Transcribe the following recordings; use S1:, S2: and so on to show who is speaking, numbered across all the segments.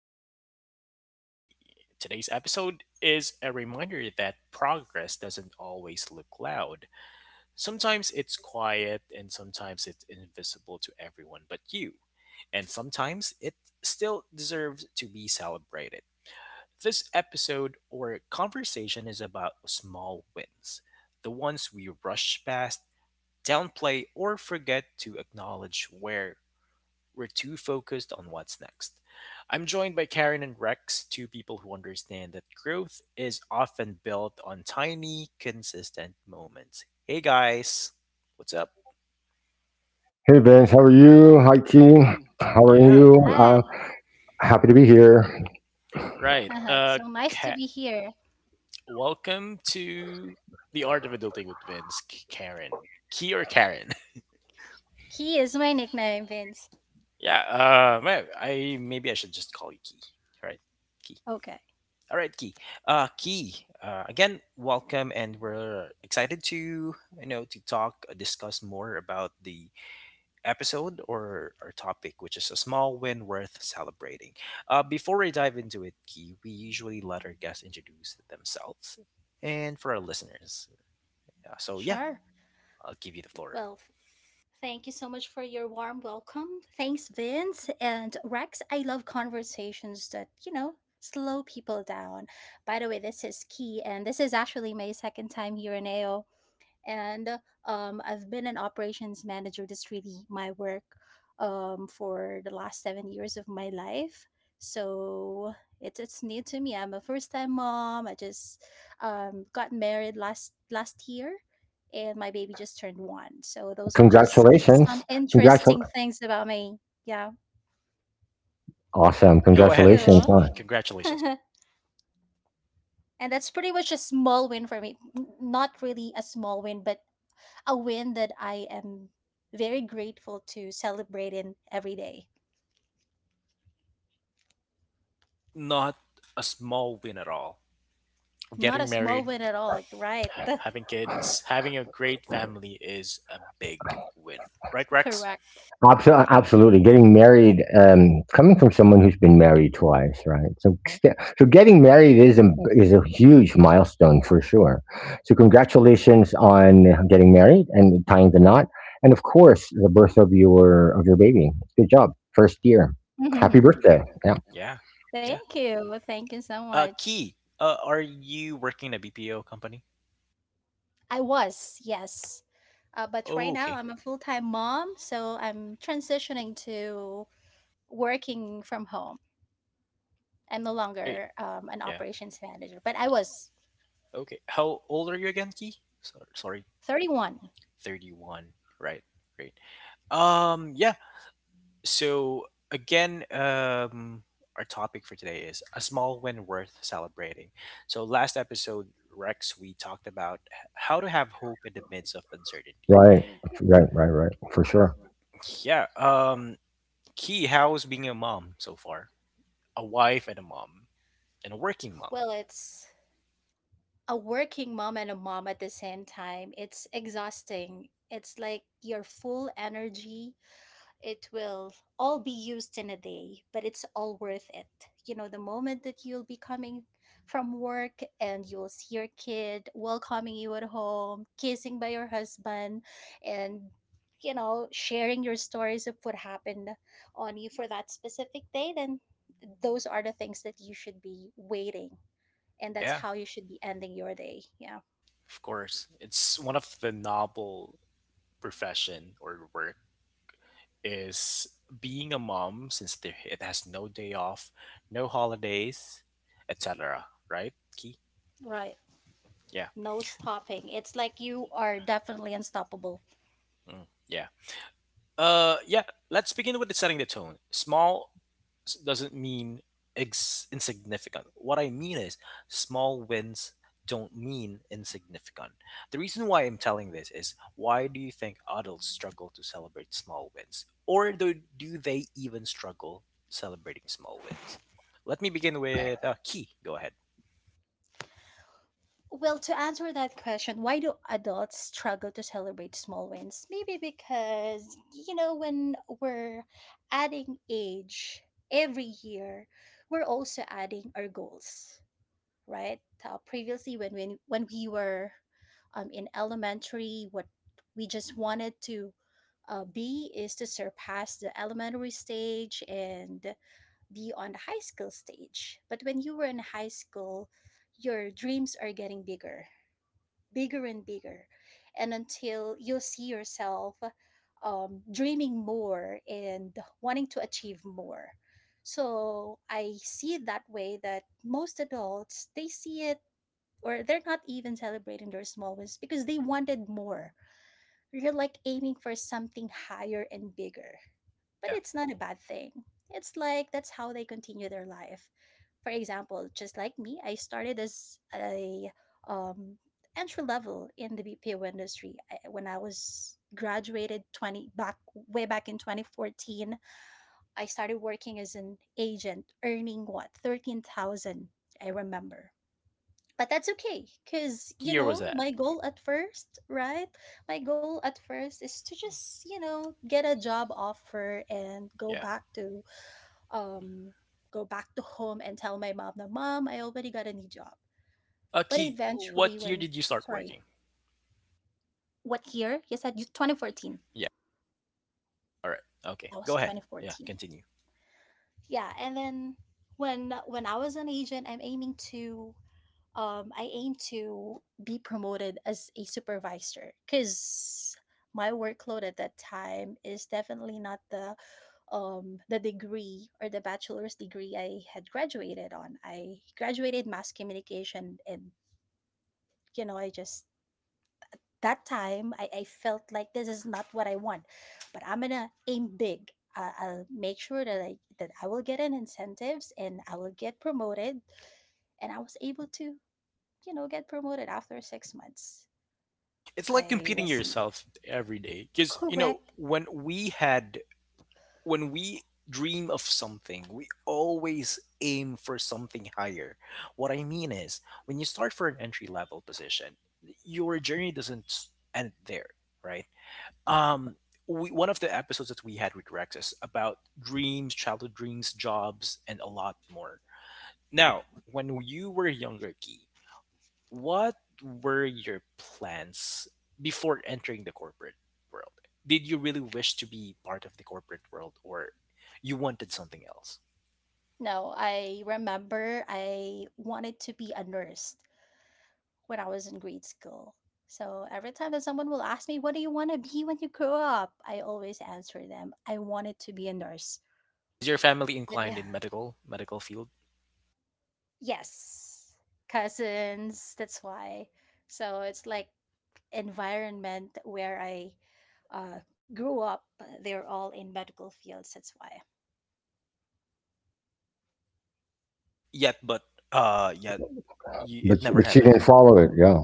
S1: Vince, episode 40. Today's episode is a reminder that progress doesn't always look loud. Sometimes it's quiet, and sometimes it's invisible to everyone but you. And sometimes it still deserves to be celebrated. This episode or conversation is about small wins, the ones we rush past, downplay, or forget to acknowledge where we're too focused on what's next. I'm joined by Karen and Rex, two people who understand that growth is often built on tiny, consistent moments. Hey guys, what's up?
S2: Hey Vince, how are you? Hi Key,
S1: Partner, how
S2: how
S1: are?
S2: are
S1: Yeah,
S2: you?
S1: you?
S3: Hi.
S1: How
S2: Happy to be
S1: happy to be
S2: here.
S1: here. Right.
S3: It's so nice to
S1: Ka-
S3: be here.
S1: welcome to the Art of Adulting with Vince, Karen, Key or Karen?
S3: Key is my nickname, Vince.
S1: Yeah. Ma- I maybe I should just call you Key. Right, Key.
S3: Okay.
S1: All right, Key. Key. Again, welcome, and we're excited to to talk, discuss more about the episode or our topic, which is a small win worth celebrating. Before I dive into it, Key, we usually let our guests introduce themselves, and for our listeners. So yeah,
S3: Sure.
S1: I'll give you the floor.
S3: Well, thank you so much for your warm welcome. Thanks, Vince. And Rex, I love conversations that slow people down. By the way, this is Key, and this is actually my second time here in AO. And I've been an operations manager. That's really my work for the last 7 years of my life. So it's new to me. I'm a first time mom. I just got married last year, and my baby just turned one. So those are
S1: Congrats.
S3: just some
S2: Congratulations.
S1: Congratulations. Yeah.
S2: Congratu-
S3: interesting things about me. Yeah,
S2: Awesome.
S1: Yeah, go
S3: thank
S1: ahead,
S2: Congratulations.
S3: you.
S1: Key. Congratulations.
S3: And that's pretty much a small win for me. Not really a small win, but a win that I am very grateful to celebrate in every day.
S1: Definitely not. Not a small win at all.
S3: Not a
S1: Getting
S3: small
S1: married,
S3: win at all, like, right? That's
S1: having kids, having a great family is a big win. Right, Rex?
S3: correct.
S2: Absolutely. Getting married, coming from someone who's been married twice, right? So getting married is is a huge milestone for sure. So, congratulations on getting married and tying the knot, and of course, the birth of your baby. Good job, first year. Happy
S3: Mhm.
S2: birthday! Yeah.
S1: Yeah. Yeah.
S3: Thank you. Thank you so much.
S1: Key, are you working in a BPO company?
S3: I was, yes. But
S1: Oh,
S3: right now,
S1: okay.
S3: I'm a full time mom, so I'm transitioning to working from home. I'm no
S1: Oh, great.
S3: longer an
S1: Yeah.
S3: operations manager, but I was
S1: Okay. How old are you again, Key? So, sorry,
S3: 31.
S1: 31. Right. Great. Yeah. So again, our topic for today is a small win worth celebrating. So last episode, Rex, we talked about how to have hope in the midst of uncertainty. Right,
S2: Right, right,
S1: right, right,
S2: right, right, for
S1: right,
S2: sure.
S1: for sure. Yeah. Key, how's being a mom so far? A wife and a mom and a working mom.
S3: Well, it's a working mom and a mom at the same time, it's exhausting. It's like your full energy, it will all be used in a day, but it's all worth it. The moment that you'll be coming from work and you'll see your kid welcoming you at home, kissing by your husband, and sharing your stories of what happened on you for that specific day, then those are the things that you should be waiting, and that's
S1: Yeah,
S3: how you should be ending your day. Yeah,
S1: of course. It's one of the noble profession or work is being a mom since there, it has no day off, no holidays, etc. Right, Key?
S3: right.
S1: Yeah.
S3: No stopping. It's like you are definitely unstoppable.
S1: Mm, yeah. Yeah. Let's begin with the setting the tone. Small doesn't mean insignificant. What I mean is small wins don't mean insignificant. The reason why I'm telling this is why do you think adults struggle to celebrate small wins? Or do they even struggle celebrating small wins? Let me begin with Key. Go ahead.
S3: Well, to answer that question, why do adults struggle to celebrate small wins? Maybe because when we're adding age every year, we're also adding our goals. Right? Previously, when we were in elementary, what we just wanted to be is to surpass the elementary stage and be on the high school stage. But when you were in high school, your dreams are getting bigger, bigger and bigger, and until you'll see yourself dreaming more and wanting to achieve more. So I see it that way, that most adults they see it, or they're not even celebrating their small wins because they wanted more. You're like aiming for something higher and bigger. But
S1: Yeah.
S3: it's not a bad thing. It's like that's how they continue their life. For example, just like me, I started as a um, entry level in the BPO industry. When I was graduated 20 back way back in 2014, I started working as an agent earning what, 13,000, I remember. But that's okay because
S1: What year was that?
S3: my goal at first is to just get a job offer and go
S1: Yeah.
S3: back to, um home, and tell my mom that, "Mom, I already got a new job." But
S1: Key,
S3: eventually
S1: what year
S3: when,
S1: did you start
S3: sorry,
S1: working?
S3: what year you said? You 2014?
S1: Yeah. All right. Okay.
S3: That was
S1: Go ahead. Yeah.
S3: 2014.
S1: Continue.
S3: Yeah. And then when I was an agent, I aim to be promoted as a supervisor because my workload at that time is definitely not the degree, or the bachelor's degree I had graduated on. I graduated mass communication, and I just that time I felt like this is not what I want, but I'm gonna aim big. I'll make sure that I will get an incentives, and I will get promoted, and I was able to get promoted after 6 months.
S1: It's like
S3: I
S1: competing
S3: wasn't.
S1: yourself every day, because
S3: Correct.
S1: when we dream of something, we always aim for something higher. What I mean is, when you start for an entry level position, your journey doesn't end there, right? um One of the episodes that we had with Rex is about dreams, childhood dreams, jobs, and a lot more. Now, when you were younger, Key, what were your plans before entering the corporate world? Did you really wish to be part of the corporate world or you wanted something else?
S3: No, I remember I wanted to be a nurse when I was in grade school. So every time that someone will ask me, "What do you want to be when you grow up?" I always answer them, "I wanted to be a nurse."
S1: Is your family
S3: But
S1: inclined
S3: yeah,
S1: in medical field?
S3: yes, cousins, that's why. So it's like environment where I grew up, they're all in medical fields, that's why.
S1: Yet but yet you, it never
S2: But she
S1: happened.
S2: didn't follow it. Yeah,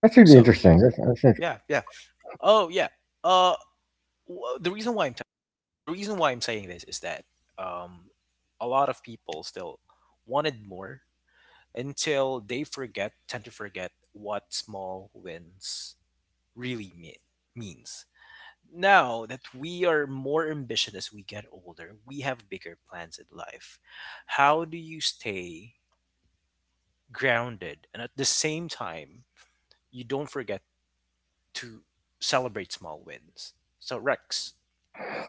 S2: that's really
S1: So
S2: interesting. That's,
S1: yeah, yeah. Oh yeah. Uh wh- the reason why I'm t- the reason why I'm saying this is that um a lot of people still wanted more until they tend to forget what small wins really means. Now that we are more ambitious as we get older, we have bigger plans in life. How do you stay grounded and at the same time, you don't forget to celebrate small wins? So, Rex.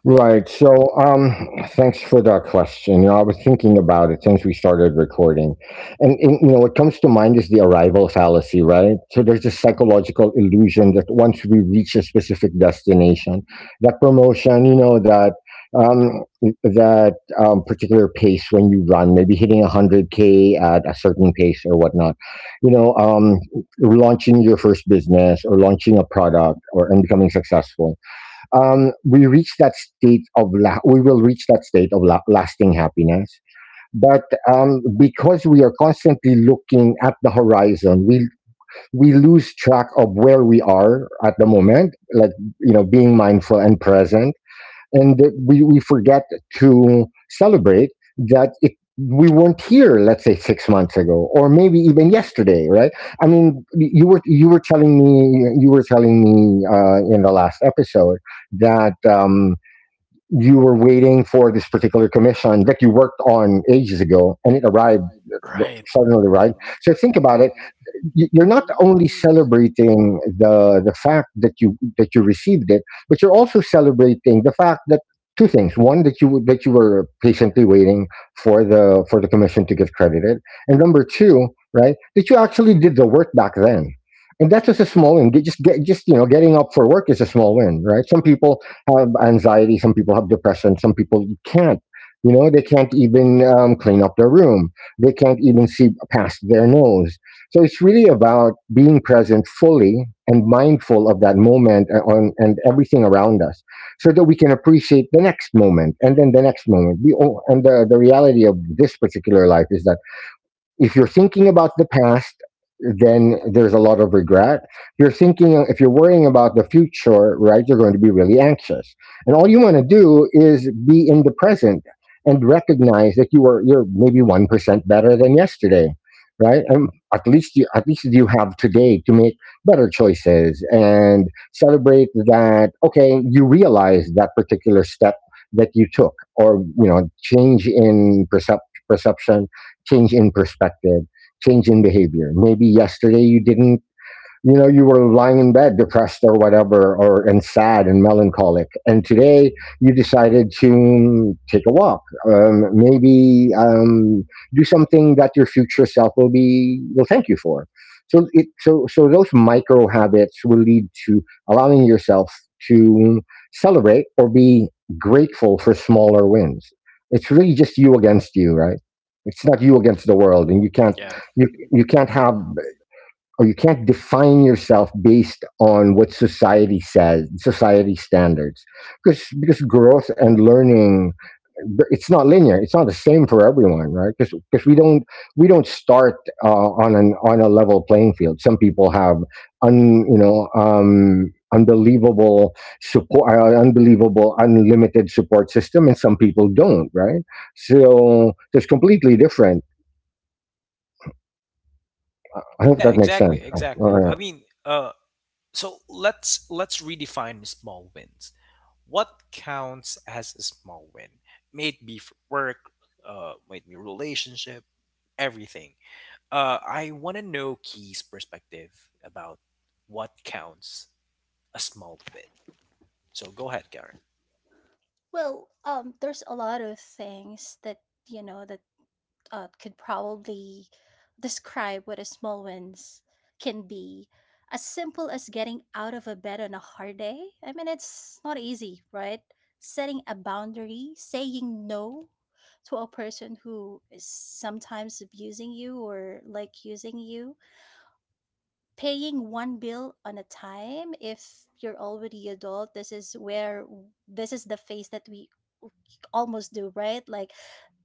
S2: right. So, um, thanks for that question. You know, I was thinking about it since we started recording, and, you know, what comes to mind is the arrival fallacy, right? So there's this psychological illusion that once we reach a specific destination, that promotion, you know, that um, that particular pace when you run, maybe hitting 100 k at a certain pace or whatnot, you know, um, launching your first business or launching a product or and becoming successful. We reach that state of la- we will reach that state of la- lasting happiness. But because we are constantly looking at the horizon, we lose track of where we are at the moment, like you know, being mindful and present, and that we forget to celebrate that we weren't here, let's say 6 months ago or maybe even yesterday, right? I mean, you were telling me you were telling me in the last episode that you were waiting for this particular commission that you worked on ages ago and it arrived
S1: Right.
S2: suddenly, right? So think about it, you're not only celebrating the fact that you received it, but you're also celebrating the fact that two things: one, that you were patiently waiting for the commission to get credited, and number two, right, that you actually did the work back then. And that's just a small win. Just you know, getting up for work is a small win, right? Some people have anxiety, some people have depression, some people can't. You know, they can't even clean up their room. They can't even see past their nose, so it's really about being present fully and mindful of that moment, and everything around us, so that we can appreciate the next moment and then the next moment. We, all- and The reality of this particular life is that if you're thinking about the past, then there's a lot of regret. You're thinking if you're worrying about the future, right? You're going to be really anxious, and all you want to do is be in the present and recognize that you're maybe 1% better than yesterday, right? And at least you have today to make better choices and celebrate that. Okay, you realize that particular step that you took, or you know, change in perception, change in perspective, change in behavior. Maybe yesterday you didn't, you know, you were lying in bed depressed or whatever or and sad and melancholic, and today you decided to take a walk, maybe do something that your future self will thank you for. So it so so those micro habits will lead to allowing yourself to celebrate or be grateful for smaller wins. It's really just you against you, right? It's not you against the world, and you can't you you can't
S1: Yeah.
S2: have or you can't define yourself based on what society says, society standards, because growth and learning, it's not linear. It's not the same for everyone, right? Because we don't start on an on a level playing field. Some people have un you know unbelievable support, unbelievable unlimited support system, and some people don't, right? So it's completely different. I hope
S1: Yeah,
S2: that makes sense.
S1: exactly, exactly.
S2: Uh,
S1: I mean, so let's redefine small wins. What counts as a small win? May it be for work, may it be relationship, everything. I want to know Key's perspective about what counts a small win. So go ahead, Karen.
S3: Well, there's a lot of things that you know that could probably describe what a small wins can be. As simple as getting out of a bed on a hard day. I mean, it's not easy, right? Setting a boundary, saying no to a person who is sometimes abusing you, or like using you. Paying one bill on a time, if you're already adult, this is where this is the phase that we almost do, right? Like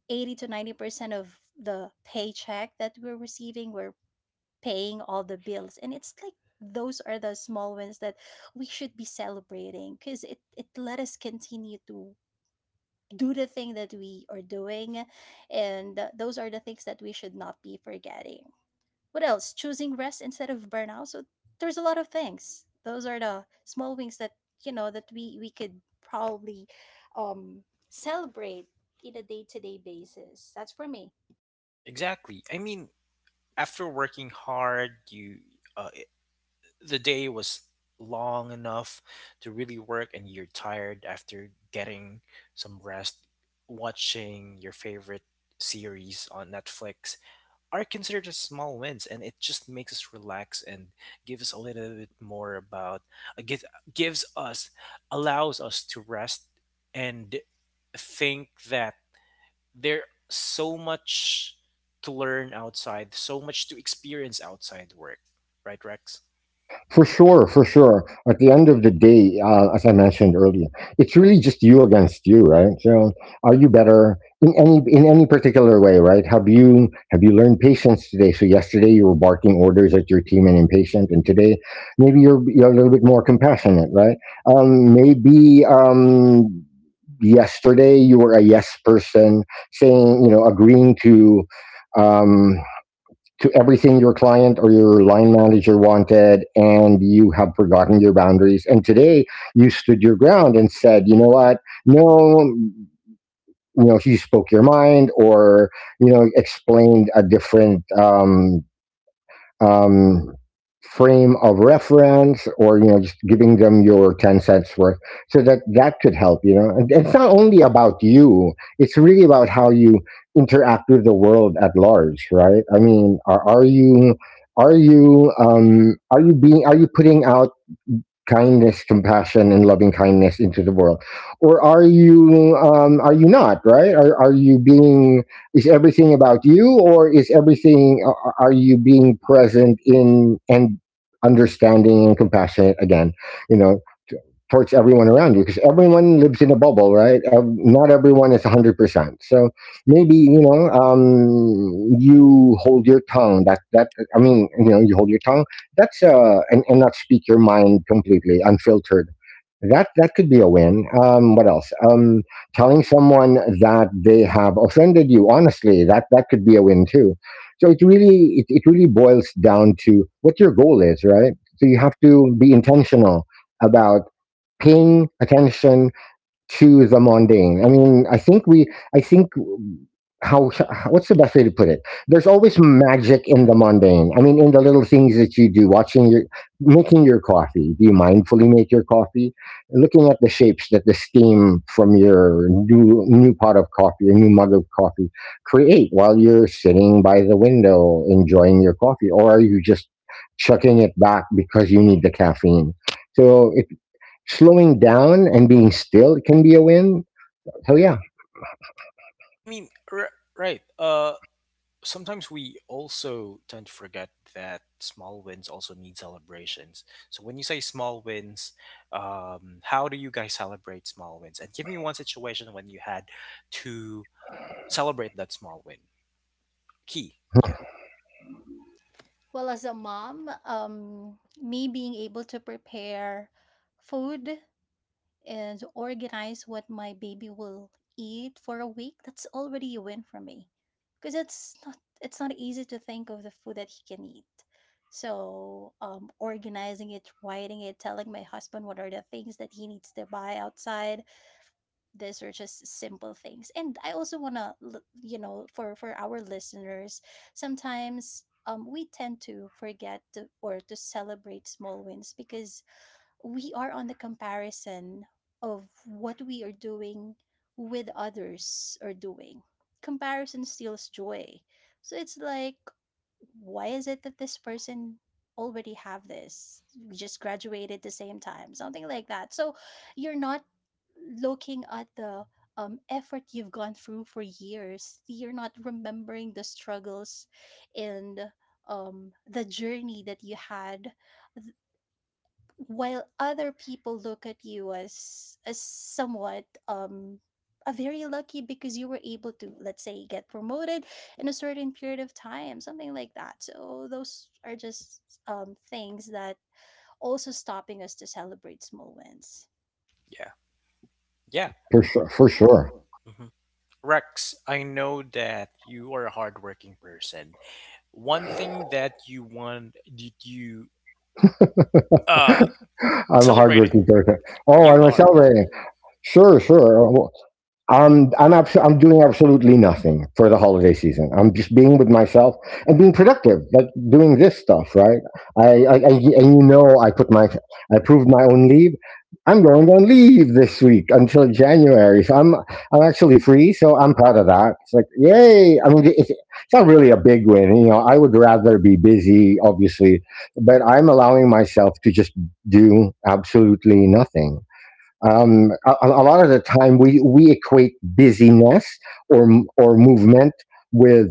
S3: 80 to 90% of the paycheck that we're receiving, we're paying all the bills. And it's like those are the small wins that we should be celebrating because it let us continue to do the thing that we are doing. And those are the things that we should not be forgetting. What else? Choosing rest instead of burnout. So there's a lot of things. Those are the small wins that we could probably um, celebrate in a day to day basis. That's for me.
S1: Exactly. I mean, after working hard, you uh, the day was long enough to really work, and you're tired. After getting some rest, watching your favorite series on Netflix are considered as small wins, and it just makes us relax and gives us a little bit more about, uh, gives gives us allows us to rest, and think that there's so much to learn outside, so much to experience outside work, right, Rex?
S2: For sure, for sure. At the end of the day, as I mentioned earlier, it's really just you against you, right? So, are you better in any particular way, right? Have you learned patience today? So yesterday you were barking orders at your team and impatient, and today maybe you're a little bit more compassionate, right? Maybe yesterday you were a yes person, saying, you know, agreeing Um, to everything your client or your line manager wanted, and you have forgotten your boundaries, and today you stood your ground and said, you know what, no, you know, you spoke your mind, or you know, explained a different um, frame of reference, or you know, just giving them your 10 cents worth, so that that could help, you know. And it's not only about you, it's really about how you interact with the world at large, right? I mean, are you, are you are you being, are you putting out kindness, compassion, and loving kindness into the world, or are you not, right? Are you being, is everything about you, or is everything, are you being present in and understanding and compassionate again? You know, towards everyone around you, because everyone lives in a bubble, right? Not everyone is 100%. So maybe, you know, you hold your tongue. I mean, you know, you hold your tongue. And not speak your mind completely, unfiltered. That could be a win. What else? Telling someone that they have offended you, honestly, that could be a win too. So it really boils down to what your goal is, right? So you have to be intentional about paying attention to the mundane. I mean, I think we, I think how, what's the best way to put it? There's always magic in the mundane. I mean, in the little things that you do, watching making your coffee. Do you mindfully make your coffee? Looking at the shapes that the steam from your new pot of coffee, your new mug of coffee create while you're sitting by the window enjoying your coffee, or are you just chucking it back because you need the caffeine? So slowing down and being still can be a win. So yeah,
S1: I mean, right. Sometimes we also tend to forget that small wins also need celebrations. So when you say small wins, how do you guys celebrate small wins? And give me one situation when you had to celebrate that small win. Key. Yeah.
S3: Well, as a mom, me being able to prepare food and organize what my baby will eat for a week, that's already a win for me. Because it's not easy to think of the food that he can eat. So organizing it, writing it, telling my husband what are the things that he needs to buy outside. These are just simple things. And I also wanna, for our listeners, sometimes we tend to forget to, or to celebrate small wins because we are on the comparison of what we are doing with others are doing. Comparison steals joy. So it's like why is it that this person already have this? We just graduated the same time, something like that. So you're not looking at the effort you've gone through for years. You're not remembering the struggles and the journey that you had, while other people look at you as somewhat, a very lucky, because you were able to, let's say, get promoted in a certain period of time, something like that. So those are just things that also stopping us to celebrate small wins.
S1: Yeah. Yeah.
S2: for
S1: For
S2: sure,
S1: sure.
S2: for
S1: For
S2: sure.
S1: sure. Mhm. Rex, I know that you are a hardworking person. One thing that you want, did you uh
S2: I'm a
S1: celebrated?
S2: hardworking
S1: Hardworking
S2: person.
S1: person.
S2: Oh, I'm
S1: You Oh,
S2: a
S1: I'm are you're the
S2: celebrating.
S1: celebrant.
S2: Sure,
S1: Sure. So.
S2: sure. I'm doing absolutely nothing for the holiday season. I'm just being with myself and being productive, like doing this stuff, right? I and you know, I approved my own leave. I'm going on leave this week until January, so I'm actually free. So I'm proud of that. It's like, yay! I mean, it's not really a big win, you know. I would rather be busy, obviously, but I'm allowing myself to just do absolutely nothing. A lot of the time, we equate busyness or movement with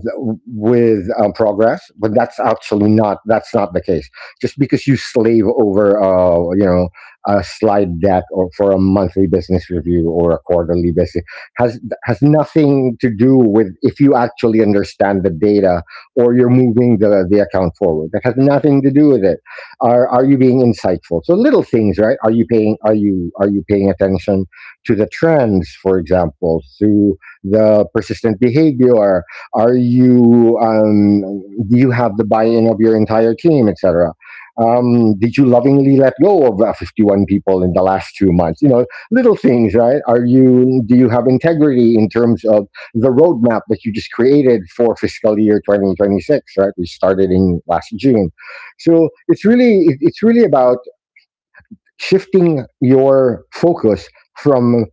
S2: progress, but that's actually not, that's not the case. Just because you slave over, you know, a slide deck or for a monthly business review or a quarterly business has nothing to do with if you actually understand the data or you're moving the account forward. That has nothing to do with it. Are you being insightful? So little things, right? Are you paying, are you paying attention to the trends, for example, to the persistent behavior? Are you do you have the buy-in of your entire team, etc.? Did you lovingly let go of 51 people in the last 2 months? You know, little things, right? Are you do you have integrity in terms of the roadmap that you just created for fiscal year 2026, right? We started in last June, so it's really about shifting your focus from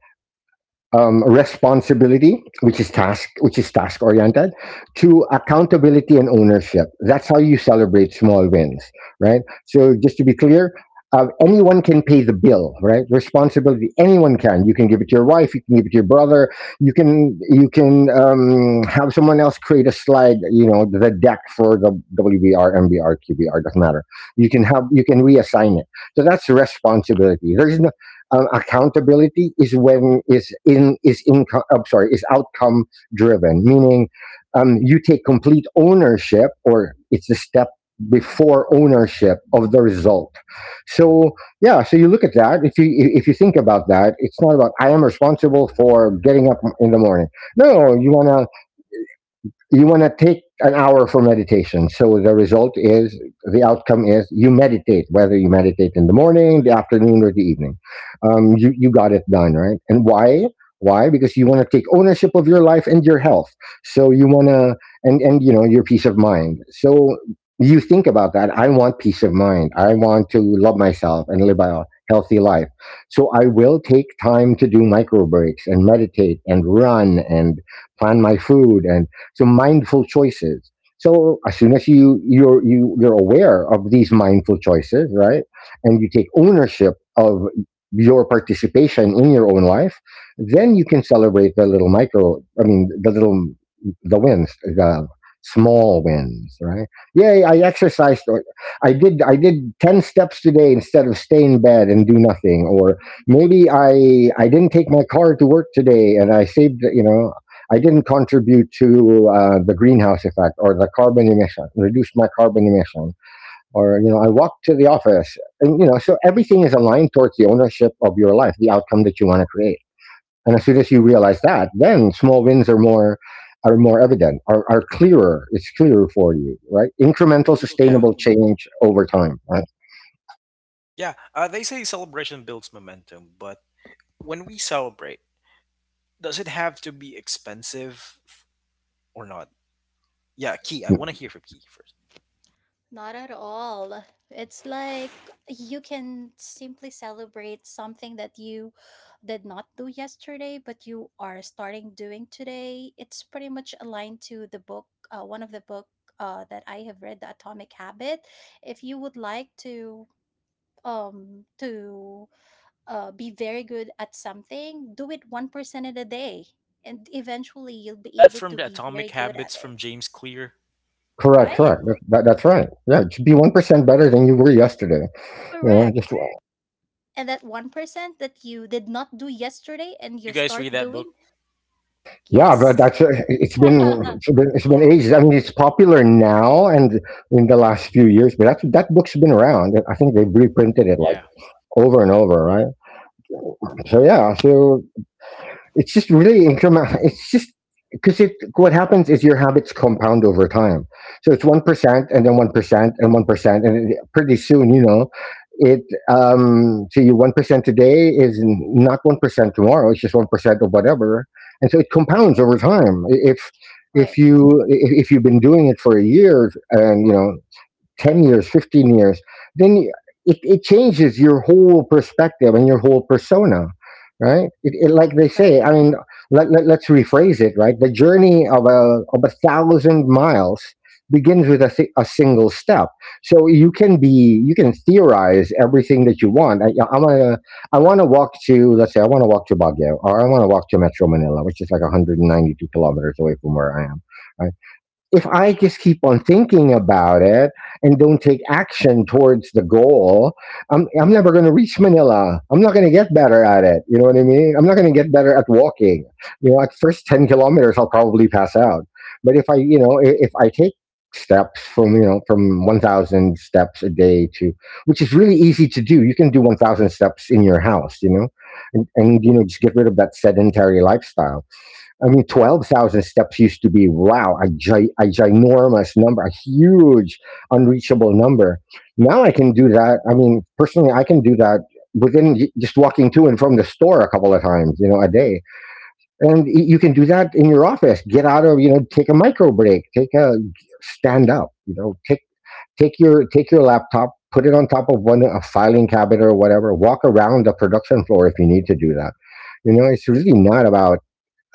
S2: responsibility, which is task oriented, to accountability and ownership. That's how you celebrate small wins, right? So just to be clear, anyone can pay the bill, right? Responsibility, anyone can. You can give it to your wife, you can give it to your brother, you can have someone else create a slide, you know, the deck for the WBR, MBR, QBR, doesn't matter. You can reassign it. So that's responsibility. There's no accountability is when is in is income. I'm sorry, is outcome driven, meaning you take complete ownership, or it's the step before ownership of the result. So yeah, so you look at that. If you think about that, it's not about I am responsible for getting up in the morning. No, you wanna you want to take an hour for meditation. So the result is, the outcome is, you meditate, whether you meditate in the morning, the afternoon, or the evening. You got it done, right? And why? Why? Because you want to take ownership of your life and your health. So you want to, and, you know, your peace of mind. So you think about that. I want peace of mind. I want to love myself and live a healthy life. So I will take time to do micro breaks and meditate and run and plan my food and so mindful choices. So as soon as you're aware of these mindful choices, right, and you take ownership of your participation in your own life, then you can celebrate the little micro. I mean, the wins, the small wins, right? Yay! I exercised. Or I did 10 steps today instead of stay in bed and do nothing. Or maybe I didn't take my car to work today and I saved. I didn't contribute to the greenhouse effect or the carbon emission. Reduced my carbon emission, or I walked to the office, and so everything is aligned towards the ownership of your life, the outcome that you want to create. And as soon as you realize that, then small wins are more evident, are clearer. It's clearer for you, right?
S1: Yeah.
S2: Incremental,
S1: Incremental, yeah.
S2: sustainable
S1: Sustainable.
S2: change over time, right?
S1: Yeah, they say celebration builds momentum, but when we celebrate, does it have to be expensive or not? Yeah, Key, I want to hear from Key first.
S3: Not at all. It's like you can simply celebrate something that you did not do yesterday, but you are starting doing today. It's pretty much aligned to the book, one of the book that I have read, The Atomic Habit. If you would like to be very good at something, do it 1% in a day, and eventually you'll
S1: Is
S3: be
S1: that
S3: able
S1: from
S3: to
S1: the
S3: be very
S1: Atomic
S3: good at
S1: Habits from
S3: it.
S1: James Clear?
S2: Correct,
S3: Right?
S1: Correct.
S2: correct. That,
S1: Correct.
S2: that, that's right. Yeah, it should be 1% better than you were yesterday. You know, just
S3: Correct. And that 1% that you did not do yesterday
S1: Did
S3: and
S1: you
S3: you
S1: guys read
S3: start
S1: that book?
S3: doing.
S2: Yeah,
S1: Yeah,
S2: but
S3: Yes.
S1: but
S2: that's
S1: that's it.
S2: it's been it's been it's
S3: Yeah.
S2: been ages. I mean, it's popular now and in the last few years, but that book's been around. I think they've reprinted
S1: Pretty.
S2: it like
S1: Yeah. Like.
S2: over and over, right? So yeah, so it's just really incremental. It's just because it what happens is your habits compound over time. So it's 1% and then 1% and 1%, and pretty soon, you know, it so you 1% today is not 1% tomorrow. It's just 1% of whatever, and so it compounds over time. I- If if
S3: Right,
S2: you i- if you've been doing it for a year and 10 years, 15 years, then it changes your whole perspective and your whole persona, right? Like they
S3: right.
S2: say, I mean, let's rephrase it, right? The journey of a thousand miles begins with a single step. So you can theorize everything that you want. I want to, I want to walk to, let's say I want to walk to Baguio or I want to walk to Metro Manila, which is like 192 kilometers away from where I am. Right? If I just keep on thinking about it and don't take action towards the goal, I'm never going to reach Manila. I'm not going to get better at it. You know what I mean? I'm not going to get better at walking. You know, at first 10 kilometers, I'll probably pass out. But if I, you know, I- if I take steps from 1,000 steps a day to, which is really easy to do. You can do 1,000 steps in your house, you know, and just get rid of that sedentary lifestyle. I mean, 12,000 steps used to be, wow, a ginormous number, a huge, unreachable number. Now I can do that. I mean, personally, I can do that within just walking to and from the store a couple of times, you know, a day. And you can do that in your office. Get out of, you know, take a micro break, take a stand up, you know, take your laptop, put it on top of a filing cabinet or whatever, walk around the production floor if you need to do that. You know, it's really not about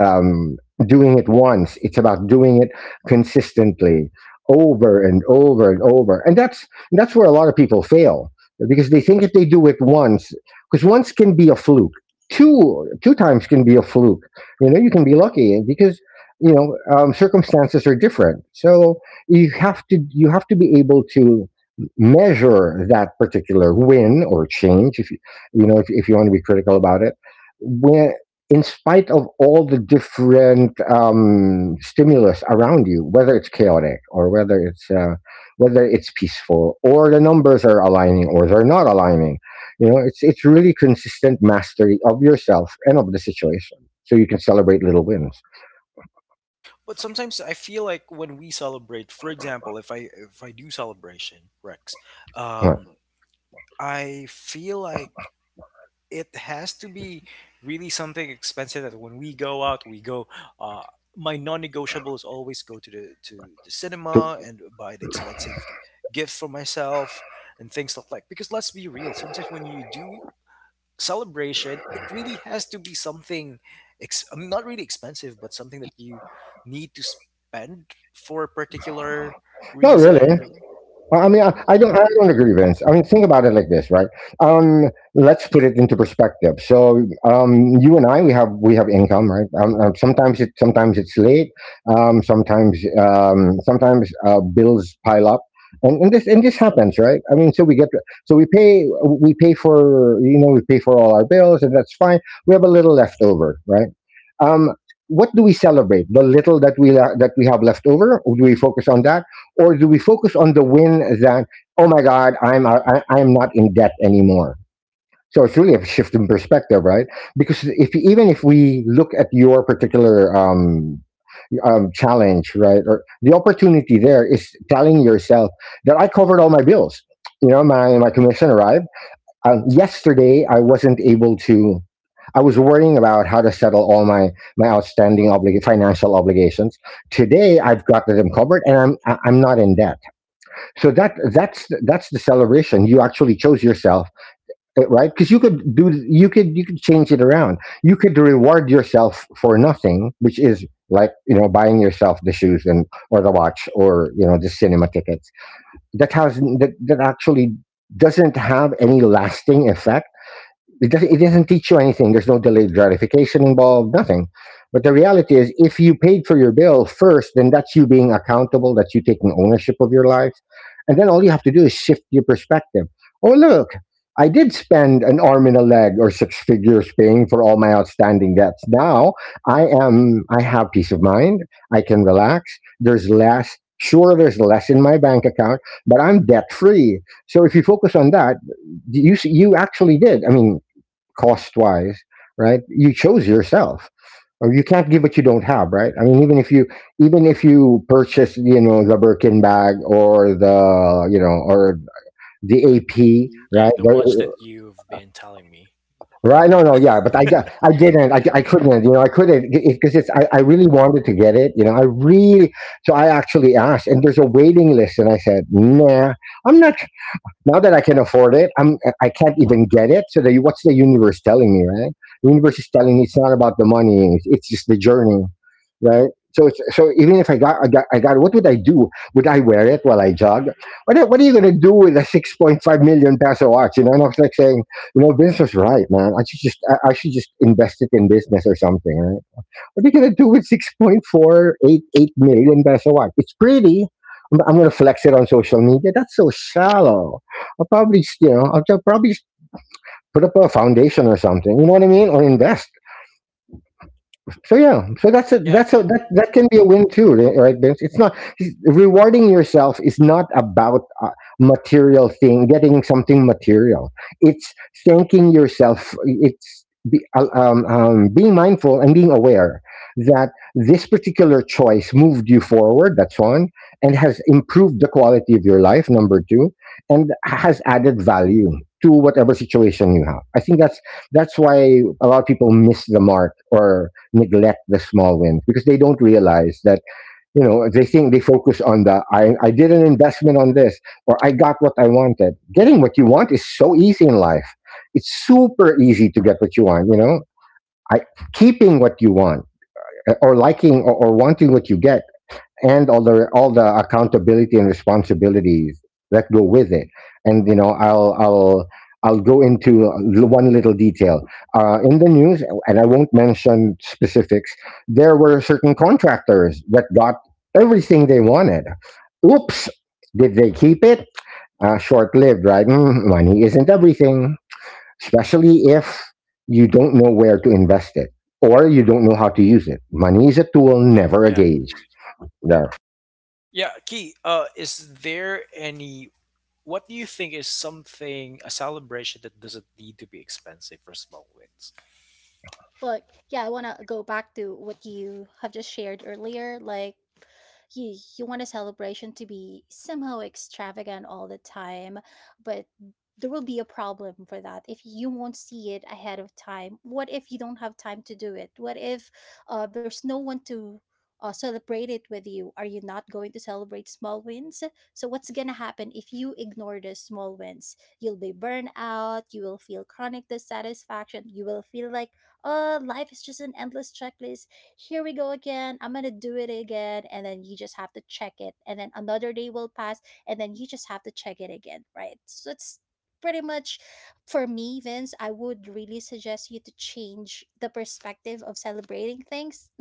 S2: um, doing it once. It's about doing it consistently over and over and over. And that's where a lot of people fail because they think if they do it once, because once can be a fluke. Two times can be a fluke. You know, you can be lucky because you know circumstances are different. So you have to be able to measure that particular win or change if you you know if you want to be critical about it when in spite of all the different stimulus around you, whether it's chaotic or whether it's peaceful or the numbers are aligning or they're not aligning, you know, it's really consistent mastery of yourself and of the situation, so you can celebrate little wins.
S1: But sometimes I feel like when we celebrate, for example, if I do celebration, Rex,
S2: Huh.
S1: correct. I feel like it has to be really something expensive, that when we go out, we go uh my non-negotiable is always go to the cinema and buy the expensive gift for myself and things like that, because let's be real, sometimes when you do celebration it really has to be something I'm not really expensive, but something that you need to spend for a particular
S2: Not really.
S1: reason.
S2: I mean, I don't agree, Vince. I mean, think about it like this, right? Let's put it into perspective. So, you and I, we have income, right? Sometimes, sometimes it's late. Sometimes, bills pile up, and this happens, right? I mean, so we pay for all our bills, and that's fine. We have a little left over, right? um, what do we celebrate? The little that we have left over, do we focus on that, or do we focus on the win that oh my God, I'm not in debt anymore? So it's really a shift in perspective, right? Because if even if we look at your particular challenge, right, or the opportunity there is telling yourself that I covered all my bills. You know, my commission arrived yesterday. I wasn't able to. I was worrying about how to settle all my outstanding financial obligations. Today I've got them covered, and I'm not in debt. So that's the celebration. You actually chose yourself, eh, right? Because you could change it around. You could reward yourself for nothing, which is like buying yourself the shoes and or the watch or the cinema tickets. That has that that actually doesn't have any lasting effect. It doesn't teach you anything. There's no delayed gratification involved, nothing. But the reality is, if you paid for your bill first, then that's you being accountable, that's you taking ownership of your life. And then all you have to do is shift your perspective. Oh look, I did spend an arm and a leg or six figures paying for all my outstanding debts. Now I have peace of mind. I can relax. There's less, sure, there's less in my bank account, but I'm debt free. So if you focus on that, you actually did. I mean, cost wise, right? You chose yourself. Or you can't give what you don't have, right? I mean, even if you purchase, you know, the Birkin bag or the AP,
S1: Yeah,
S2: right?
S1: the watch that you've been telling me.
S2: Right? No, no, yeah, but I didn't. I couldn't. You know, I couldn't because it's. I really wanted to get it. You know, I really. So I actually asked, and there's a waiting list, and I said, Nah, I'm not. Now that I can afford it, I can't even get it. So what's the universe telling me, right? The universe is telling me it's not about the money; it's just the journey, right? So even if I got, what would I do? Would I wear it while I jog? What are you gonna do with a 6.5 million peso watch? You know, and I was like saying, Vince was right, man. I should just invest it in business or something, right? What are you gonna do with 6.488 million peso one? It's pretty. I'm gonna flex it on social media. That's so shallow. I'll probably put up a foundation or something. You know what I mean? Or invest so yeah, so
S1: Yeah.
S2: that can be a win too, right? Vince? It's not rewarding yourself is not about a material thing, getting something material. It's thanking yourself. It's being mindful and being aware that this particular choice moved you forward. That's one, and has improved the quality of your life. Number two, and has added value to whatever situation you have. I think that's why a lot of people miss the mark or neglect the small wins because they don't realize that they think they focus on the I did an investment on this or I got what I wanted. Getting what you want is so easy in life. It's super easy to get what you want. You know, I keeping what you want or liking or wanting what you get and all the accountability and responsibilities that go with it. And you know, I'll go into one little detail in the news, and I won't mention specifics. There were certain contractors that got everything they wanted. Oops, did they keep it? Short-lived, right? Mm, money isn't everything, especially if you don't know where to invest it or you don't know how to use it. Money is a tool, never a
S1: Yeah.
S2: gauge.
S1: Yeah, Key, is there any, what do you think is something, a celebration that doesn't need to be expensive for small wins?
S3: Well, yeah, I want to go back to what you have just shared earlier. Like, you want a celebration to be somehow extravagant all the time, but there will be a problem for that if you won't see it ahead of time. What if you don't have time to do it? What if there's no one to celebrate it with you? Are you not going to celebrate small wins? So, what's going to happen if you ignore the small wins? You'll be burned out, you will feel chronic dissatisfaction, you will feel like life is just an endless checklist. Here we go again, I'm gonna do it again, and then you just have to check it, and then another day will pass, and then you just have to check it again, right? So it's pretty much, for me, Vince, I would really suggest you to change the perspective of celebrating things.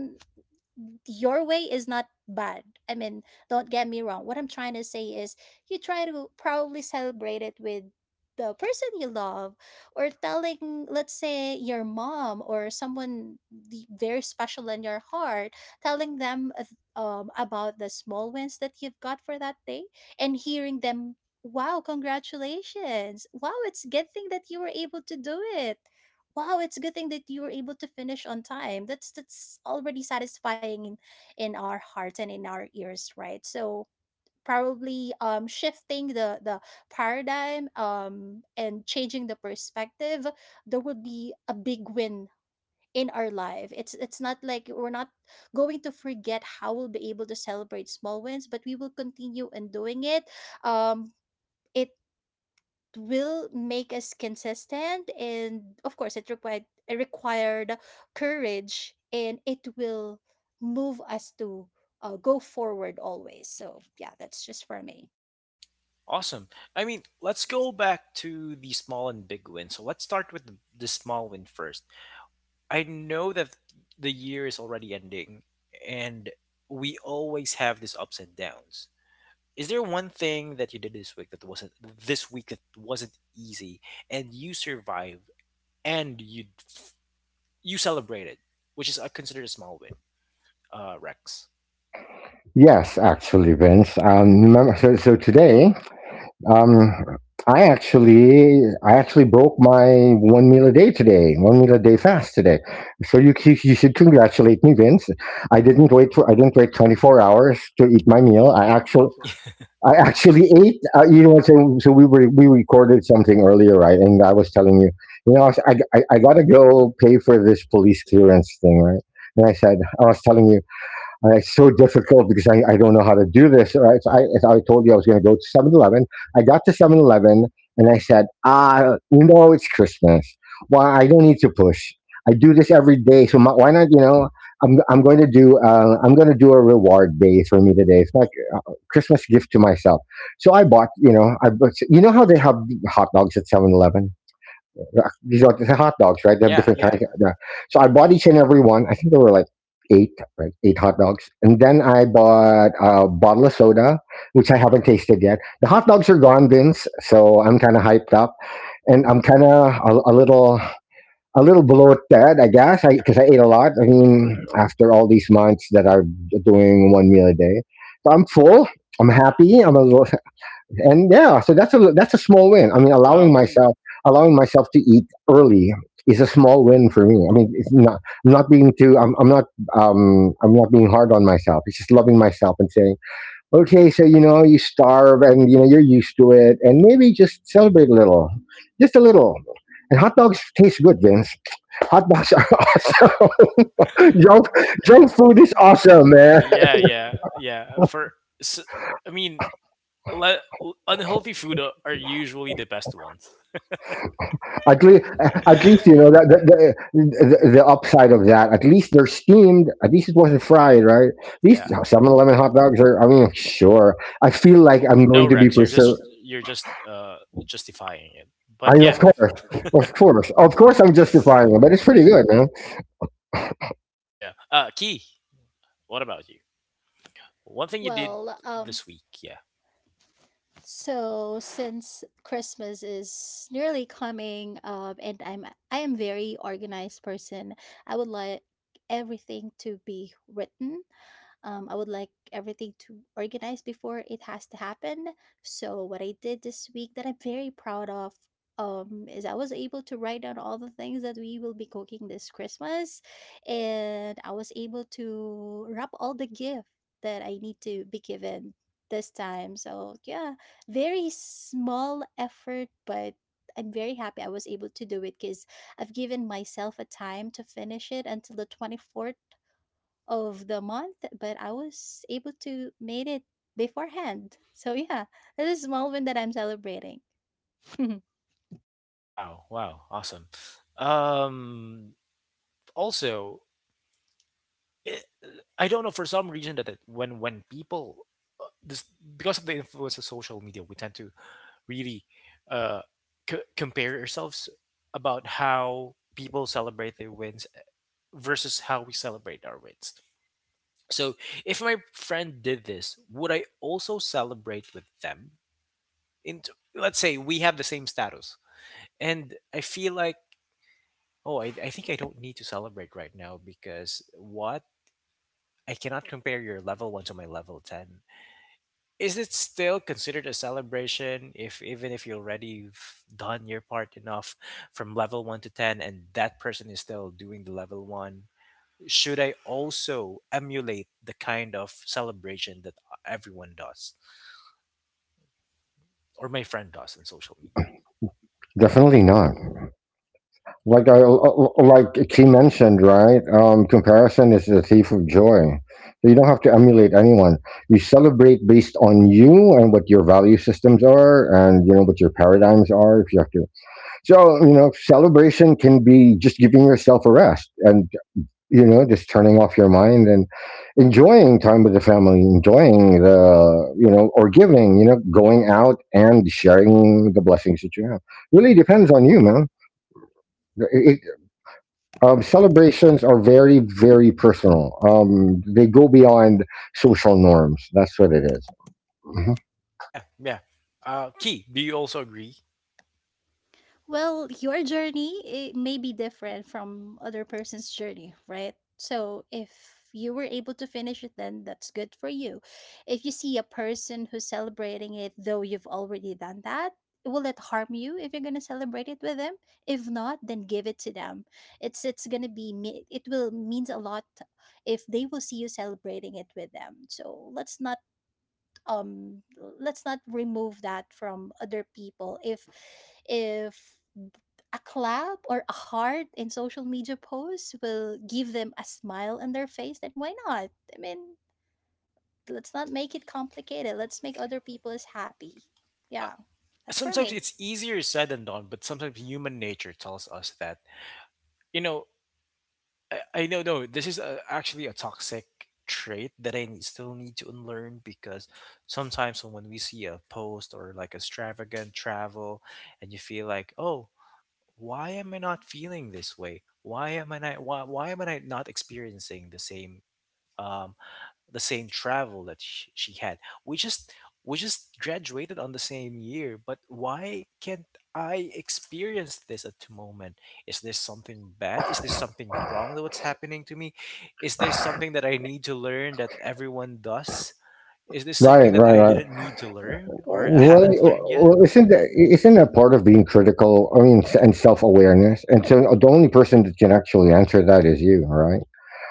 S3: Your way is not bad. I mean, don't get me wrong. What I'm trying to say is, you try to probably celebrate it with the person you love, or telling, let's say, your mom or someone very special in your heart, telling them about the small wins that you've got for that day, and hearing them, "Wow, congratulations! Wow, it's a good thing that you were able to do it. Wow, it's a good thing that you were able to finish on time." That's already satisfying in our hearts and in our ears, right? So probably, shifting the paradigm, and changing the perspective, there would be a big win in our life. It's not like we're not going to forget how we'll be able to celebrate small wins, but we will continue in doing it. um it will make us consistent, and of course, it required courage, and it will move us to go forward always. So yeah, that's just for me.
S1: Awesome. I mean, let's go back to the small and big win. So let's start with the small win first. I know that the year is already ending, and we always have these ups and downs. Is there one thing that you did this week that wasn't easy and you survived and you celebrated, which is considered a small win, Rex?
S2: Yes, actually, Vince. Remember, so today, um, I actually broke my one meal a day today, one meal a day fast today. So you should congratulate me, Vince. I didn't wait 24 hours to eat my meal. I actually. I actually ate. You know what? So we recorded something earlier, right? And I was telling you, you know, I, was- I gotta go pay for this police clearance thing, right? And I said, I was telling you, it's so difficult because I don't know how to do this. All right. So I, as I told you, I was going to go to 7-Eleven. I got to 7-Eleven and I said, ah, you know, it's Christmas. Why? I don't need to push. I do this every day. So my, why not, you know, I'm going to do, a reward day for me today. It's like Christmas gift to myself. So I bought, you know, you know how they have hot dogs at 7-Eleven. These are hot dogs, right? They have
S1: Yeah,
S2: different kinds.
S1: yeah.
S2: Yeah. So I bought each and every one. I think there were like eight, right? Eight hot dogs. And then I bought a bottle of soda, which I haven't tasted yet. The hot dogs are gone, Vince. So I'm kind of hyped up, and I'm kind of a little bloated, I guess, because 'cause I ate a lot. I mean, after all these months that I'm doing one meal a day, so I'm full. I'm happy. I'm a little, and yeah, so that's a small win. I mean,
S1: Wow.
S2: allowing myself to eat early is a small win for me. I mean, it's not I'm not I'm not being hard on myself. It's just loving myself and saying, okay, so you know you starve and you know you're used to it, and maybe just celebrate a little, just a little. And hot dogs taste good, Vince. Hot dogs are awesome. junk,
S1: Junk
S2: junk
S1: junk
S2: food is
S1: food is
S2: awesome,
S1: awesome,
S2: man.
S1: man! Yeah, yeah, yeah. For s I mean, le- unhealthy food are usually the best ones.
S2: At least, at least you know
S3: Right.
S2: that the upside of that. At least they're steamed. At least it wasn't fried, right? At least
S1: Yeah.
S2: 7-Eleven hot dogs are. I mean, sure. I
S1: I've
S2: feel
S1: seen
S2: like
S1: like
S2: I'm
S1: no
S2: going
S1: other
S2: to be
S1: Rex, you're videos,
S2: preserved.
S1: just of you're just justifying it.
S2: I
S1: But
S2: mean,
S1: yeah. Well, of course, of
S2: of
S1: of
S2: course, I'm
S1: course, I'm
S2: justifying it, but
S1: justifying it,
S2: it's
S1: but
S2: pretty
S1: it's pretty
S2: good,
S1: good.
S2: man.
S1: Yeah. Key, what about you? One thing you did
S3: well, um,
S1: this week, yeah.
S3: so since Christmas is nearly coming, and I am very organized person, I would like everything to be written. I would like everything to organize before it has to happen. So what I did this week that I'm very proud of is I was able to write down all the things that we will be cooking this Christmas, and I was able to wrap all the gift that I need to be given this time. So yeah, very small effort, but I'm very happy I was able to do it because I've given myself a time to finish it until the 24th of the month, but I was able to made it beforehand. So yeah, this is a moment that I'm celebrating.
S1: Wow, wow, awesome. Um, Also, it, I don't know for some reason that when people, this, because of the influence of social media, we tend to really uh compare ourselves about how people celebrate their wins versus how we celebrate our wins. So, if my friend did this, would I also celebrate with them? In, let's say, we have the same status, and I feel like, oh, I think I don't need to celebrate right now, because what? I cannot compare your level one to my level ten. Is it still considered a celebration if even if you already have done your part enough from level one to ten, and that person is still doing the level one? Should I also emulate the kind of celebration that everyone does or my friend does on social media?
S2: Definitely
S1: Definitely
S2: not.
S1: not.
S2: Like I like she mentioned, right? Comparison is the thief of joy. So you don't have to emulate anyone. You celebrate based on you and what your value systems are, and you know what your paradigms are. If you have to so, you know, celebration can be just giving yourself a rest and, you know, just turning off your mind and enjoying time with the family, enjoying the, you know, or giving, you know, going out and sharing the blessings that you have. Really depends on you, man. It, celebrations are very, very personal. They go beyond social norms. That's what it is. Mhm.
S1: Yeah, yeah. Key, do you also agree?
S3: Well, your journey it may be different from other person's journey, right? So if you were able to finish it then that's good for you. If you see a person who's celebrating it though you've already done that, will it harm you if you're going to celebrate it with them? If not, then give it to them. It's going to be it will means a lot if they will see you celebrating it with them. So um let's not remove that from other people if if a clap or a heart in social media posts will give them a smile on their face, then why not? I mean, let's
S1: Yeah.
S3: not make it complicated, let's make other people as happy. Yeah, that's for
S1: Sometimes
S3: me.
S1: it's easier said than done, but sometimes human nature tells us that, you know, I know, no, this is actually a toxic trait that I still need to unlearn, because sometimes when we see a post or like extravagant travel, and you feel like, oh, why am I not feeling this way? Why am I not experiencing um the same travel that she had? We just we just graduated on the same year, but why can't I experience this at the moment? Is this something bad? Is this something wrong that what's happening to me? Is this something that I need to learn that everyone does? Is this
S2: Right,
S1: something that
S2: right,
S1: I
S2: right.
S1: didn't, yeah, need to learn or I
S2: Well,
S1: haven't, yeah, learned yet?
S2: well,
S1: Well,
S2: isn't that
S1: isn't that,
S2: isn't that
S1: isn't that
S2: part of
S1: part of
S2: being critical? I mean, and self awareness. And so the only person that can actually answer that is you, right?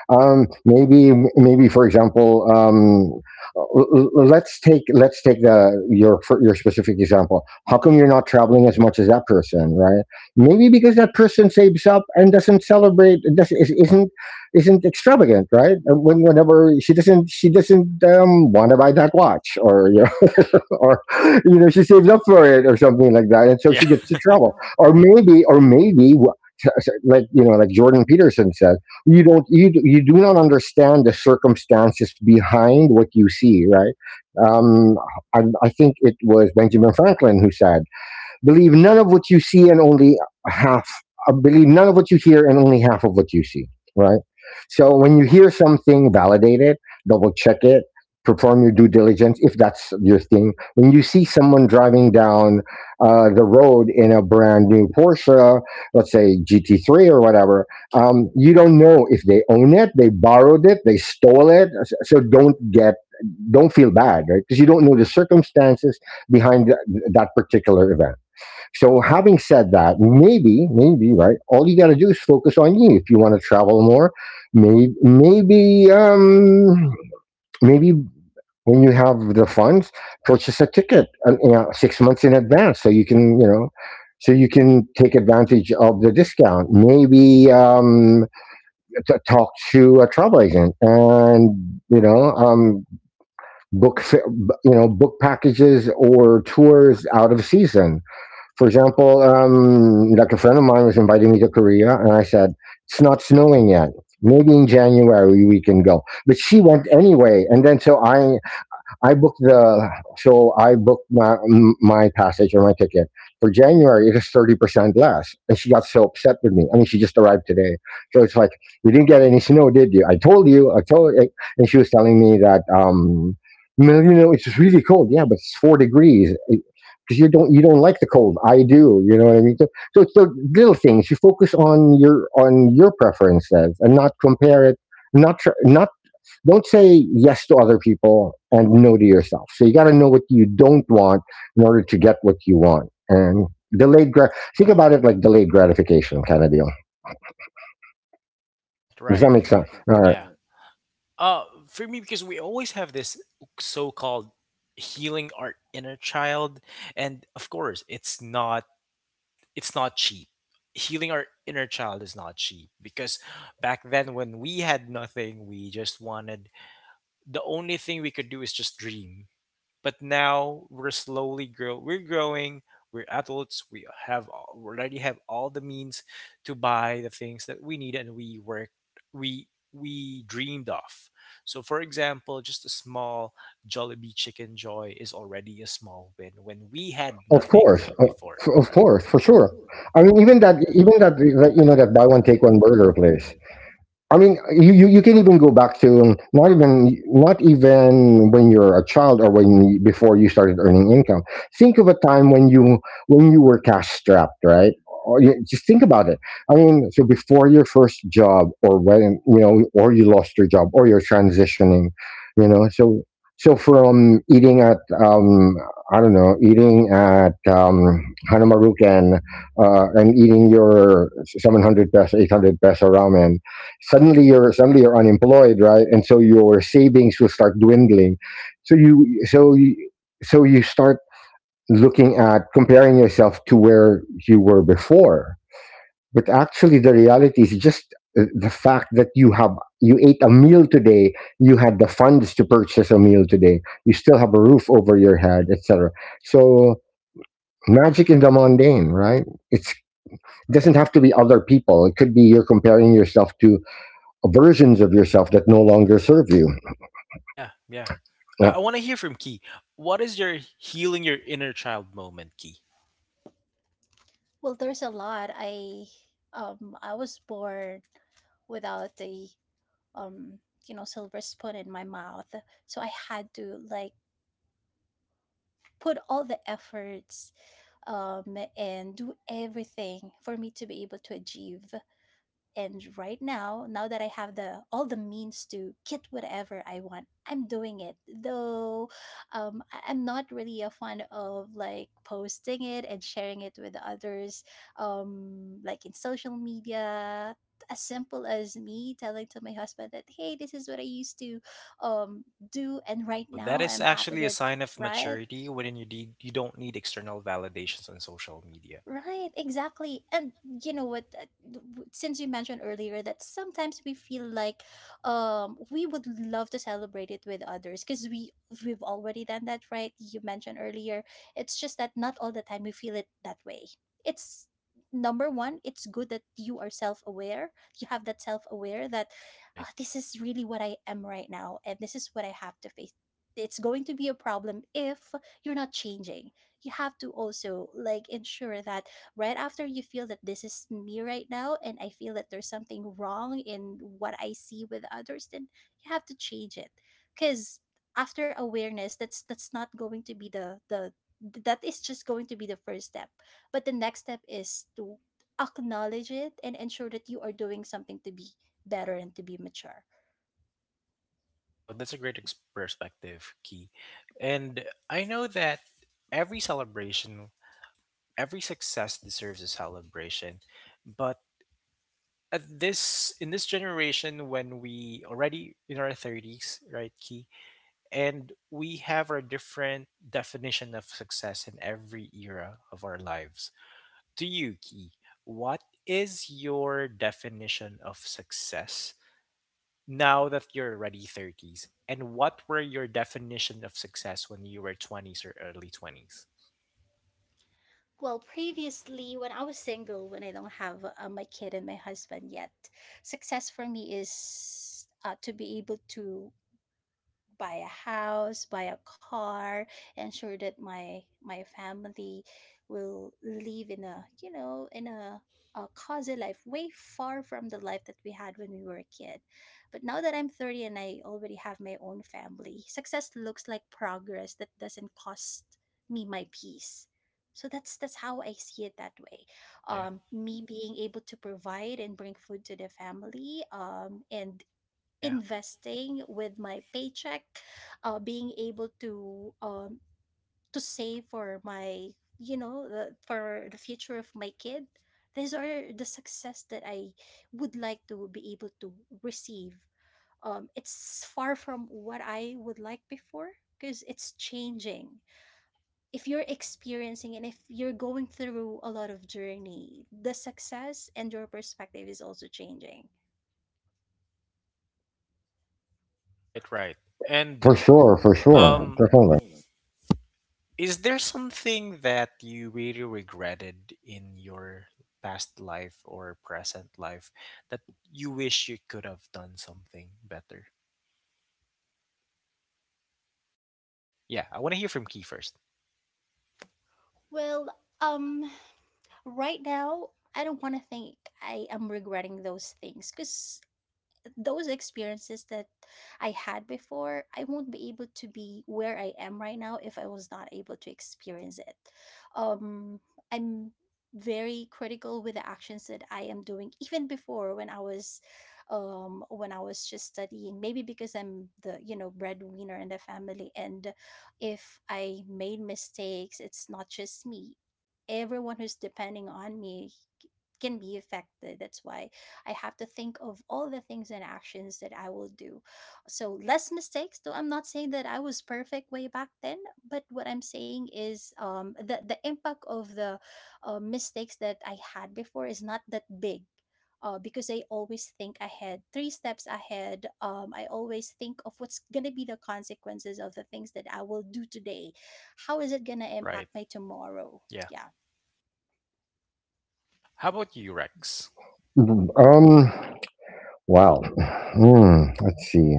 S2: Maybe for example, let's take the your your specific example. How come you're not traveling as much as that person, right? Maybe because that person saves up and doesn't celebrate, doesn't is- isn't extravagant, right? Whenever she doesn't want to buy that watch or or you know she saves up for it or something like that,
S1: the
S2: and so
S1: value,
S2: she gets to
S1: yeah, of
S2: trouble.
S1: travel?
S2: Or maybe, like you know, like Jordan Peterson said, you don't you d- you do not understand the circumstances behind what you see, right? Um, I think it was Benjamin Franklin who said. Believe none of what you see and only half. Believe none of what you hear and only half of what you see. Right. So when you hear something, validate it, double check it, perform your due diligence if that's your thing. When you see someone driving down the road in a brand new Porsche, let's say GT3 or whatever, you don't know if they own it, they borrowed it, they stole it. So don't feel bad, right? Because you don't know the circumstances behind that particular event. So, having said that, maybe, maybe, right? All you got to do is focus on you. If you want to travel more, maybe, maybe, um, maybe when you have the funds, purchase a ticket, you know, 6 months in advance, so you can, you know, so you can take advantage of the discount. Maybe talk to a travel agent and, you know, book, fa- you know, book packages or tours out of season for example, like a friend of mine was inviting me to Korea, and I said, it's not snowing yet. Maybe in January we can go. But she went anyway. And then I booked the so I booked my my passage or my ticket for January. It is 30% less, and she got so upset with me. I mean, she just arrived today, so it's like you didn't get any snow, did you? I told you, I told, and she was telling me that no, you know, it's really cold. Yeah, but it's 4 degrees. Because you don't like the cold, I do. You know what I mean. So it's the little things. You focus on your preferences and not compare it. Not tr- not don't say yes to other people and no to yourself. So you got to know what you don't want in order to get what you want. And delayed grat think about it like delayed gratification kind of deal.
S1: Right,
S2: Does
S1: right.
S2: that
S1: Does
S2: make
S1: that make
S2: sense?
S1: sense?
S2: All right.
S1: Yeah. Right. For me, because we always have this so-called healing our inner child, and of course, it's not cheap. Healing our inner child is not cheap because back then, when we had nothing, we just wanted the only thing we could do is just dream. But now we're growing, we're adults, we already have all the means to buy the things that we need and we work, we we dreamed of. So for example, just a small Jollibee Chicken Joy is already a small win when we had of
S2: Of
S1: nothing
S2: course.
S1: course. Before
S2: Of
S1: right? Of right,
S2: course, for
S1: course, for
S2: sure.
S1: sure.
S2: I mean,
S1: I mean, even that,
S2: you know,
S1: you
S2: that
S1: know,
S2: buy
S1: that
S2: one
S1: buy
S2: take
S1: one
S2: one
S1: take one
S2: burger
S1: burger
S2: place.
S1: place.
S2: I mean, you can even go back to not even when you're a child or when you, before you started earning income. Think of a time when you were cash strapped, right? Or you, just think about it. I mean, so before your first job, or when you know, or you lost your job, or you're transitioning, you know. So from eating at um, I don't know, eating at Hanamaruken and eating your 700 peso, 800 peso ramen. Suddenly you're unemployed, right? And so your savings will start dwindling, so so you start looking at comparing yourself to where you were before, but actually the reality is just the fact that you ate a meal today, you had the funds to purchase a meal today, you still have a roof over your head, etc. So magic in the mundane, right? It's doesn't have to be other people, it could be you're comparing yourself to versions of yourself that no longer serve you.
S1: Yeah, yeah. i,
S2: Yeah,
S1: I want to hear from Key. What is your healing your inner child moment, Key?
S3: Well, there's a lot. I was born without a um you know silver spoon in my mouth, so I had to like put all the efforts, and do everything for me to be able to achieve. And right now, now that I have the all the means to get whatever I want, I'm doing it. Though I'm not really a fan of like posting it and sharing it with others, like in social media. As simple as me telling to my husband that, hey, this is what I used to um, do, and right
S1: Wow, that
S3: now
S1: is
S3: I'm happy
S1: actually a
S3: that.
S1: sign of
S3: Right.
S1: maturity when you you don't need external validations on social media,
S3: Right, exactly. And you know what, since you mentioned earlier that sometimes we feel like we would love to celebrate it with others because we've already done that, right? You mentioned earlier. It's just that not all the time we feel it that way. It's number one, it's good that you are self-aware. You have that self-aware that
S1: right?
S3: "Ah, this is really what I am right now and this is what I have to face. It's going to be a problem if you're not changing, you have to also like ensure that right after you feel that this is me right now and I feel that there's something wrong in what I see with others, then you have to change it. Cause after awareness, that's not going to be the that is just going to be the first step. But the next step is to acknowledge it and ensure that you are doing something to be better and to be mature.
S1: Wow, that's a great perspective, Key. And I know that every celebration, every success deserves a celebration, but at this in this generation when we already in our 30s, right, Key, and we have our different definition of success in every era of our lives. To you, Key, what is your definition of success now that you're already 30s? And what were your definition of success when you were 20s or early 20s?
S3: Well, previously, when I was single, when I don't have my kid and my husband yet, success for me is to be able to buy a house, buy a car, ensure that my family will live in a you know in a cozy life way far from the life that we had when we were a kid. But now that I'm 30 and I already have my own family, success looks like progress that doesn't cost me my peace. So that's how I see it that way.
S1: Yeah,
S3: Me being able to provide and bring food to the family, and
S1: yeah.
S3: investing with my paycheck, being able to save for my you know the, for the future of my kid. These are the success that I would like to be able to receive. It's far from what I would like before because it's changing. If you're experiencing and if you're going through a lot of journey, the success and your perspective is also changing.
S1: Right, right. And for
S2: for
S1: sure, for sure,
S2: sure,
S1: for
S2: definitely.
S1: sure. Is there something that you really regretted in your past life or present life that you wish you could have done something better? Yeah, I want to hear from Key first.
S3: Well, um right now I don't want to think I am regretting those things because those experiences that I had before, I won't be able to be where I am right now if I was not able to experience it. Um, I'm very critical with the actions that I am doing, even before when I was just studying. Maybe because I'm the you know breadwinner in the family, and if I made mistakes, it's not just me. Everyone who's depending on me can be affected. That's why I have to think of all the things and actions that I will do. So less mistakes, though I'm not saying that I was perfect way back then, but what I'm saying is the impact of the mistakes that I had before is not that big. Because I always think ahead, three steps ahead. I always think of what's going to be the consequences of the things that I will do today. How is it going to
S1: Right.
S3: impact my tomorrow?
S1: Yeah.
S3: Yeah.
S1: How about you, Rex? Mhm.
S2: Um, wow. Hmm, let's see.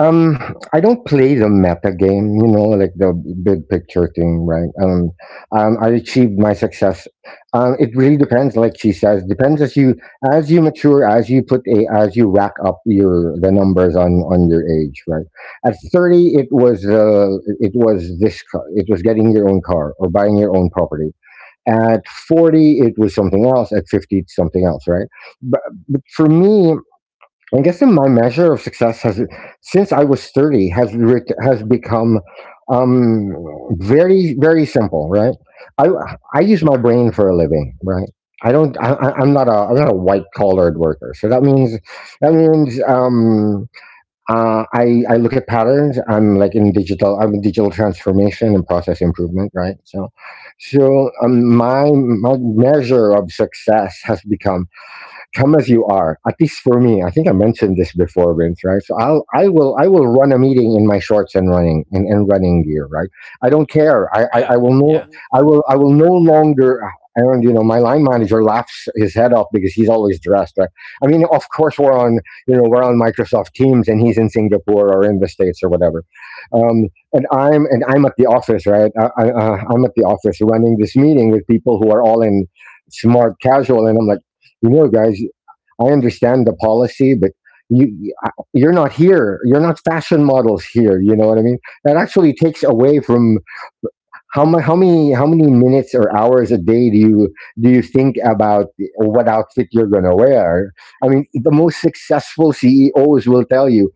S2: Um, I don't play the meta game, you know, like the big picture thing, right? I achieved my success. It really depends, like she says, depends as you mature, as you rack up your the numbers on your age, right? At 30, it was this, car, it was getting your own car or buying your own property. At 40, it was something else. At 50, it's something else, right? But, but for me, I guess in my measure of success has, since I was 30, has has become um, very, very simple, right? I, I use my brain for a living, right? I don't. I'm not a. I'm not a white collared worker. So that means I look at patterns. I'm like in digital. I'm in digital transformation and process improvement, right? So my measure of success has become come as you are. At least for me, I think I mentioned this before, Vince. Right? So I will run a meeting in my shorts and running gear. Right? I don't care. I
S1: Yeah,
S2: will
S1: I yeah,
S2: no
S1: know.
S2: I will no longer. And my line manager laughs his head off because he's always dressed. Right? I mean, of course we're on we're on Microsoft Teams and he's in Singapore or in the States or whatever. Um, and I'm at the office, right? I'm at the office running this meeting with people who are all in smart casual, and I'm like, guys, I understand the policy, but you you're not here. You're not fashion models here. You know what I mean? That actually takes away from how many how many minutes or hours a day do you think about or what outfit you're gonna wear? I mean, the most successful CEOs will tell you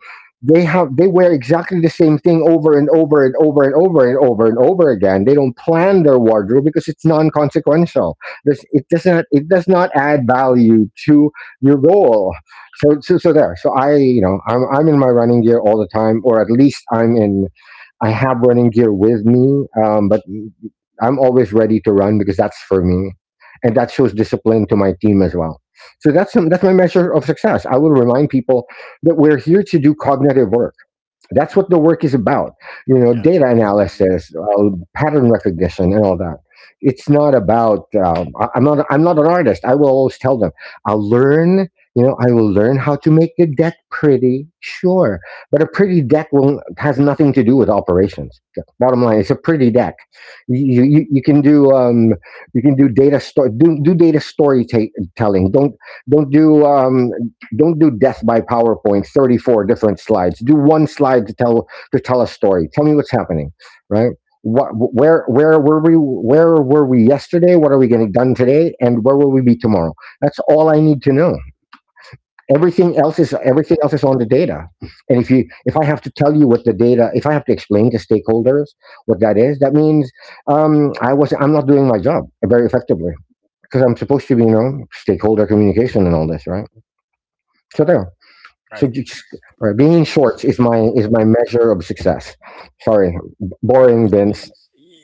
S2: they wear exactly the same thing over and over and over and over and over and over again. They don't plan their wardrobe because it's non-consequential. It does not add value to your goal. So so so there. So I you know I'm in my running gear all the time, or at least I have running gear with me, but I'm always ready to run because that's for me, and that shows discipline to my team as well. So that's my measure of success. I will remind people that we're here to do cognitive work. That's what the work is about. You know,
S1: Yeah,
S2: data
S1: data analysis.
S2: analysis, pattern recognition, and all that. It's not about. I, I'm not. I'm not an artist. I will always tell them. I'll learn. You know, I will learn how to make the deck pretty. Sure, but a pretty deck will has nothing to do with operations. Bottom line, it's a pretty deck. You can do data storytelling. Don't do um don't do death by PowerPoint, 34 different slides. Do one slide to tell a story. Tell me what's happening, right? What, where were we yesterday? What are we getting done today? And where will we be tomorrow? That's all I need to know.
S1: Everything else is up.
S2: Everything else is on the data. And if I have to tell you what the data, if I have to explain to stakeholders what that is, that means I'm not doing my job very effectively because I'm supposed to be stakeholder communication and all this, right? So there. So
S1: Right. So
S2: just,
S1: it's,
S2: being in
S1: being in
S2: shorts is
S1: shorts is
S2: my
S1: my…
S2: is my measure of success. Sorry, boring,
S1: Uh,
S2: Vince.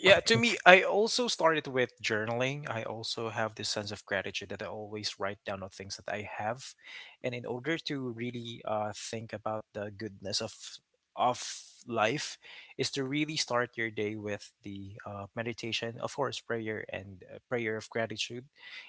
S1: yeah, to me, I also started with journaling. I also have this sense of gratitude that I always write down the things that I have, and in order to really think about the goodness of life, is to really start your day with the meditation, of course, prayer and prayer of gratitude.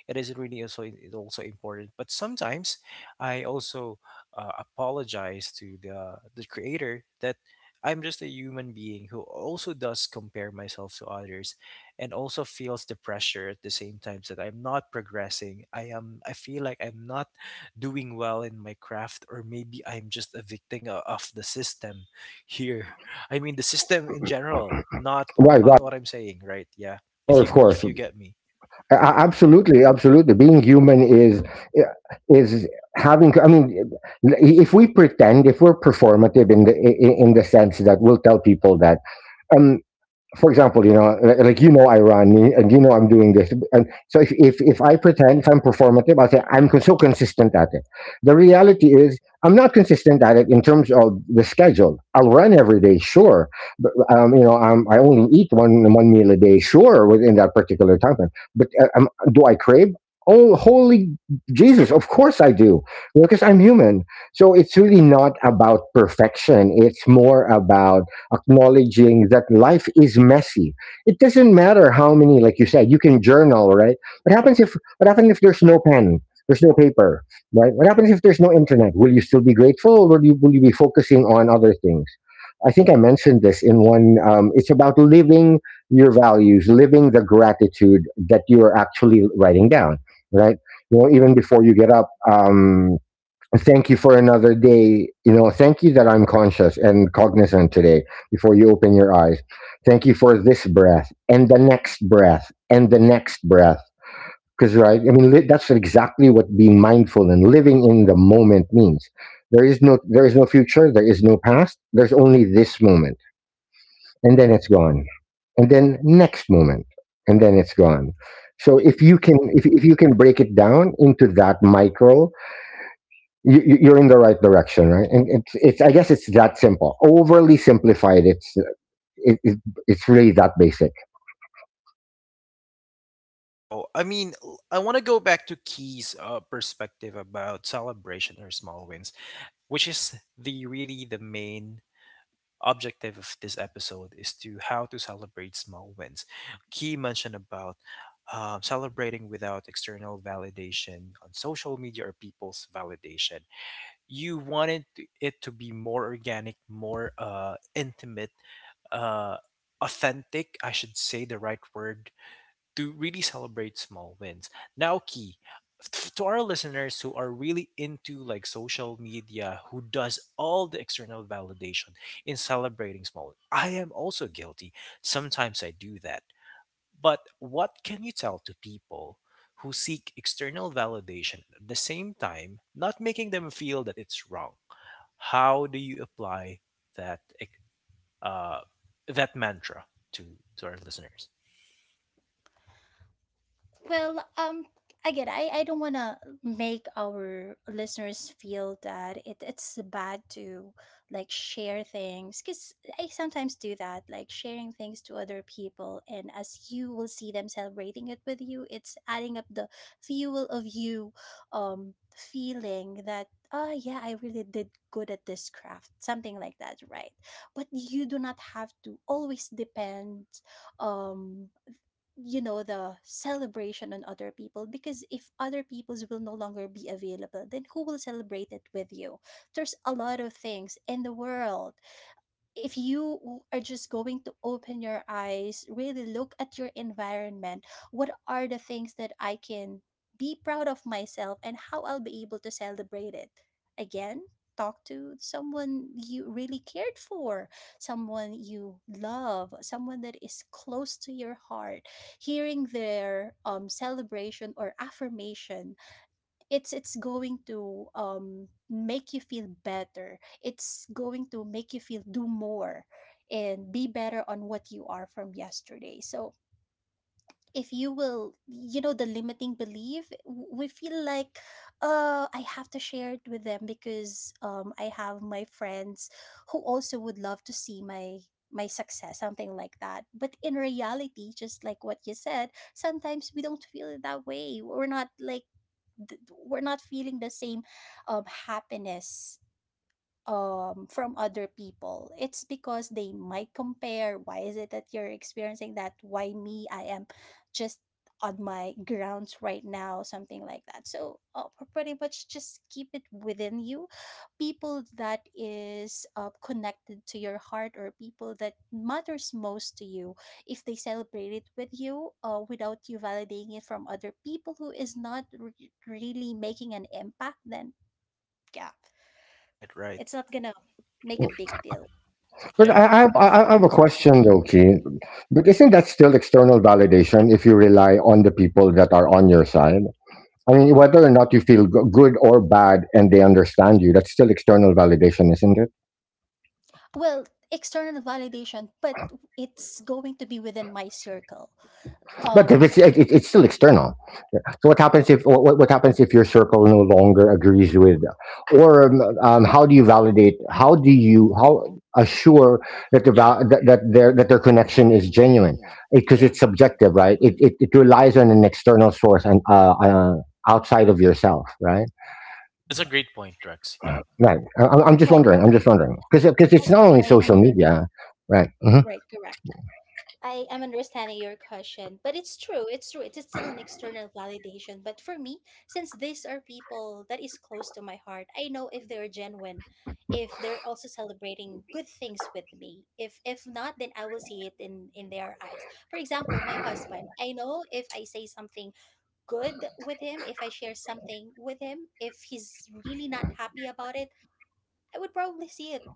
S1: It is really also, it also important, but sometimes I also apologize to the creator that I'm just a human being who also does compare myself to others and also feels the pressure at the same time that I'm not progressing. I feel like I'm not doing well in my craft, or maybe I'm just a victim of the system here. I mean the system in general, not on
S2: Why? Why?
S1: not what I'm saying, right? Yeah.
S2: Well, of
S1: If
S2: course,
S1: you get me.
S2: Absolutely, absolutely. Being human is is having. I mean, if we pretend, if we're performative in the sense that we'll tell people that. um, for example, I run and you know I'm doing this, and so if I pretend if I'm performative, I say I'm so consistent at it. The reality is I'm not consistent at it in terms of the schedule. I'll run every day, sure, but you know, I only eat one meal a day, sure, within that particular time frame. But do I crave? Oh, holy Jesus! Of course I do, because I'm human. So it's really not about perfection. It's more about acknowledging that life is messy. It doesn't matter how many, like you said, you can journal, right? What happens if there's no pen? There's no paper, right? What happens if there's no internet? Will you still be grateful, or will you be focusing on other things? I think I mentioned this in one. It's about living your values, living the gratitude that you are actually writing down, right? You know, even before you get up. Thank you for another day. You know, thank you that I'm conscious and cognizant today before you open your eyes. Thank you for this breath and the next breath and the next breath. Because, right, I mean, that's exactly what being mindful and living in the moment means. There is no future. There is no past. There's only this moment, and then it's gone, and then next moment, and then it's gone. So
S1: Right.
S2: if you can, if you can break it down into that micro, you're in the right direction, right? And it's I guess it's that simple. Overly simplified, it, it, it's really that basic.
S1: Wow. I mean, I want to go back to Key's perspective about celebration or small wins, which is the really the main objective of this episode, is to how to celebrate small wins. Key mentioned about celebrating without external validation on social media or people's validation. You wanted it to be more organic, more intimate, uh, authentic, I should say the right word, to really celebrate small wins. Now, Key, to our listeners who are really into like social media, who does all the external validation in celebrating small wins, I am also guilty. Sometimes I do that. But what can you tell to people who seek external validation at the same time, not making them feel that it's wrong? How do you apply that uh, that mantra to to our listeners?
S3: Well, again, I don't want to make our listeners feel that it's bad to like share things because I sometimes do that, like sharing things to other people. And as you will see them celebrating it with you, it's adding up the fuel of you feeling that, oh, yeah, I really did good at this craft, something like that, right? But you do not have to always depend. Um, you know the celebration on other people because if other people's will no longer be available, then who will celebrate it with you? There's a lot of things in the world if you are just going to open your eyes, really look at your environment, what are the things that I can be proud of myself and how I'll be able to celebrate it? Again, talk to someone you really cared for, someone you love, someone that is close to your heart. Hearing their celebration or affirmation, it's going to make you feel better, it's going to make you feel do more and be better on what you are from yesterday. So if you will, you know, the limiting belief, we feel like I have to share it with them because I have my friends who also would love to see my success, something like that. But in reality, just like what you said, sometimes we don't feel it that way, we're not like th- we're not feeling the same happiness from other people. It's because they might compare, why is it that you're experiencing that, why me, I am just on my grounds right now, something like that. So pretty much just keep it within you. People that is connected to your heart or people that matters most to you, if they celebrate it with you without you validating it from other people who is not really making an impact, then yeah,
S1: Right, right.
S3: it's not gonna make a big deal.
S2: But
S1: Yeah. But
S2: I have a
S1: I have a
S2: question though,
S1: question though,
S2: Keen.
S1: kid.
S2: But isn't that still external validation if you rely on the people that are on your side? I mean, whether or not you feel good or bad, and they understand you, that's still external validation, isn't it?
S3: Well, external validation, but it's going to be within my circle,
S2: But if
S3: um.
S2: it's it, it, it's still external. So what happens if your circle no longer agrees with, or how do you validate? How do
S1: How do
S2: you
S1: you
S2: how
S1: how
S2: assure
S1: sure?
S2: that the
S1: Yeah,
S2: val- that,
S1: about that,
S2: that their
S1: that their
S2: connection is
S1: connection is
S2: genuine?
S1: genuine?
S2: Because
S1: Yeah,
S2: it's
S1: because it's
S2: subjective,
S1: subjective,
S2: right?
S1: right?
S2: It
S1: It…
S2: it relies on an external source and outside of yourself, right?
S1: Yeah, that's a great point, Rex. Yeah.
S2: Right. I'm I'm just
S3: Right.
S2: wondering. I'm just wondering because it's
S3: I
S2: not only
S3: I am
S2: social media, right?
S3: right, correct. I am understanding your question, but it's true. It's true. It is still an external validation, but for me, since these are people that is close to my heart, I know if they're genuine, if they're also celebrating good things with me. If not, then I will see it in their eyes. For example, my husband, I know if I say something good with him, if I share something with him, if he's really not happy about it, I would probably see it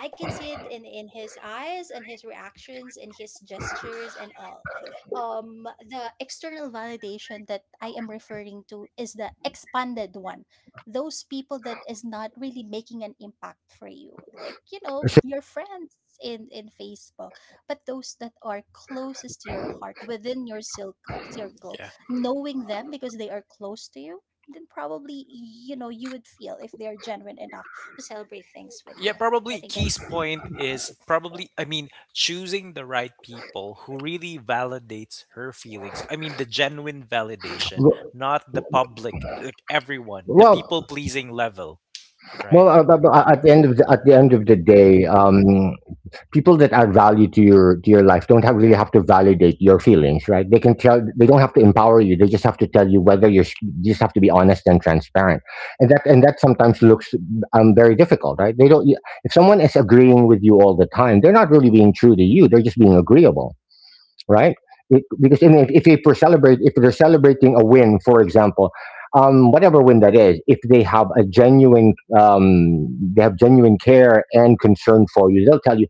S3: I can see it in his eyes and his reactions and his gestures and all. The external validation that I am referring to is the expanded one. Those people that is not really making an impact for you, like you know
S2: So,
S3: your friends in Facebook, but those that are closest to your heart within your silk circle,
S1: Yeah.
S3: knowing them because they are close to you, then probably you know you would feel if they are genuine enough to celebrate things with you.
S1: Yeah,
S3: I
S1: probably
S3: think it.
S1: Key's point is probably, I mean, choosing the right people who really validates her feelings. I mean the genuine validation, not the public like everyone, the well, people
S2: well,
S1: pleasing level, right? Well,
S2: at the end
S1: at the
S2: of
S1: end of
S2: at
S1: the,
S2: the
S1: at
S2: end
S1: the
S2: of
S1: end
S2: the
S1: of the day,
S2: day. People that add value to your life don't have really have to validate your feelings, right? They can tell. They don't have to empower you. They just have to tell you whether you're you just have to be honest and transparent, and that, and that sometimes looks very difficult, right? They don't, if someone is agreeing with you all the time, they're not really being true to you, they're just being agreeable, right? Because if they celebrate, if they're celebrating a win, for example, whatever win that is, if they have a genuine, um, they have genuine care and concern for you, they'll tell you,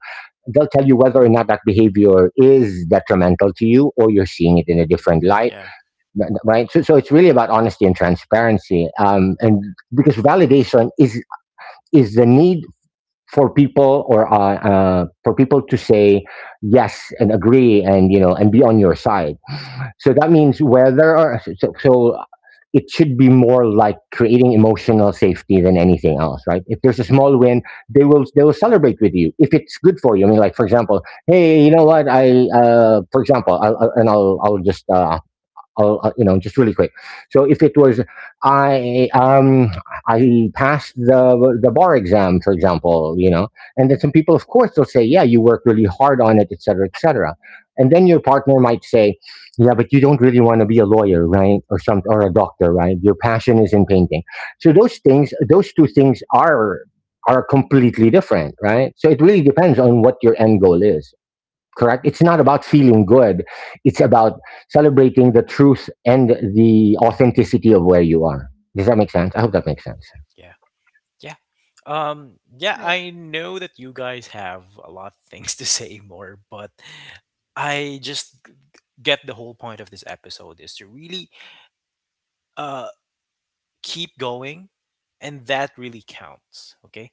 S2: they'll tell you whether or not that behavior is detrimental to you or you're seeing it in a
S1: in a
S2: different
S1: different
S2: light,
S1: Yeah, life,
S2: right? So, so it's really about honesty and transparency, and because validation is the need for people or for people to say yes and agree and you know and be on your side, so that means whether or it should be more like creating emotional safety than anything else, right? If there's a small win, they will celebrate with you if it's good for you. I mean, like for example, hey, you know what? I for example, I'll- and I'll I'll just I'll, you know, just really quick. So if it was I um I passed the bar exam, for example, you know, and then some people, of course, they'll say, yeah, you worked really hard on it, et cetera, et cetera. And then your partner might say, yeah, but you don't really want to be a lawyer, right, or some or a doctor, right? Your passion is in painting. So those things, those two things are completely different, right? So it really depends on what your end goal is, correct? It's not about feeling good. It's about celebrating the truth and the authenticity of where you are. Does that make sense?
S1: makes
S2: I
S1: sense.
S2: hope
S1: I
S2: that
S1: hope
S2: makes
S1: that makes
S2: sense.
S1: sense. Yeah. Yeah. Yeah,
S3: Right.
S1: I know that you guys have a lot of things to say more, but I just get the whole point of this episode is to really uh keep going and that really counts, okay?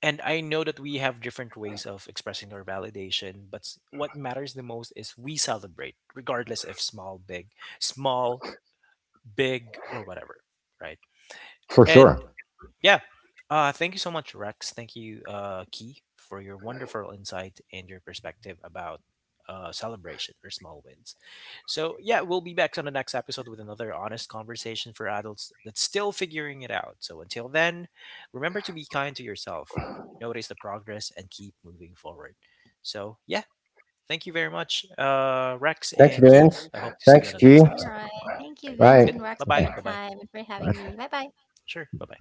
S1: And I know that we have different ways of expressing our validation, but what matters the most is we celebrate regardless if small, big, small, big or whatever, right?
S2: For
S1: And
S2: sure.
S1: sure, yeah, thank you so much, Rex. Thank you, Key, for your wonderful insight and your perspective about celebration or small wins. So yeah, we'll be back on the next episode with another honest conversation for adults that's still figuring it out. So until then, remember to be kind to yourself, notice the progress, and keep moving forward. So yeah, thank you very much, Rex,
S2: Thanks,
S1: and thanks, Key,
S2: Vince.
S1: man. I hope to see you on
S2: Thanks,
S1: the Yep, next
S2: G.
S1: see.
S3: All
S1: Episode.
S3: right. Thank
S1: All right,
S3: you,
S2: Right.
S3: Vince and
S1: good. Bye. Bye
S3: Rex, for
S1: bye.
S3: your
S1: Bye bye.
S3: time and for having
S2: Okay.
S3: me. Bye bye.
S1: Sure. Bye bye.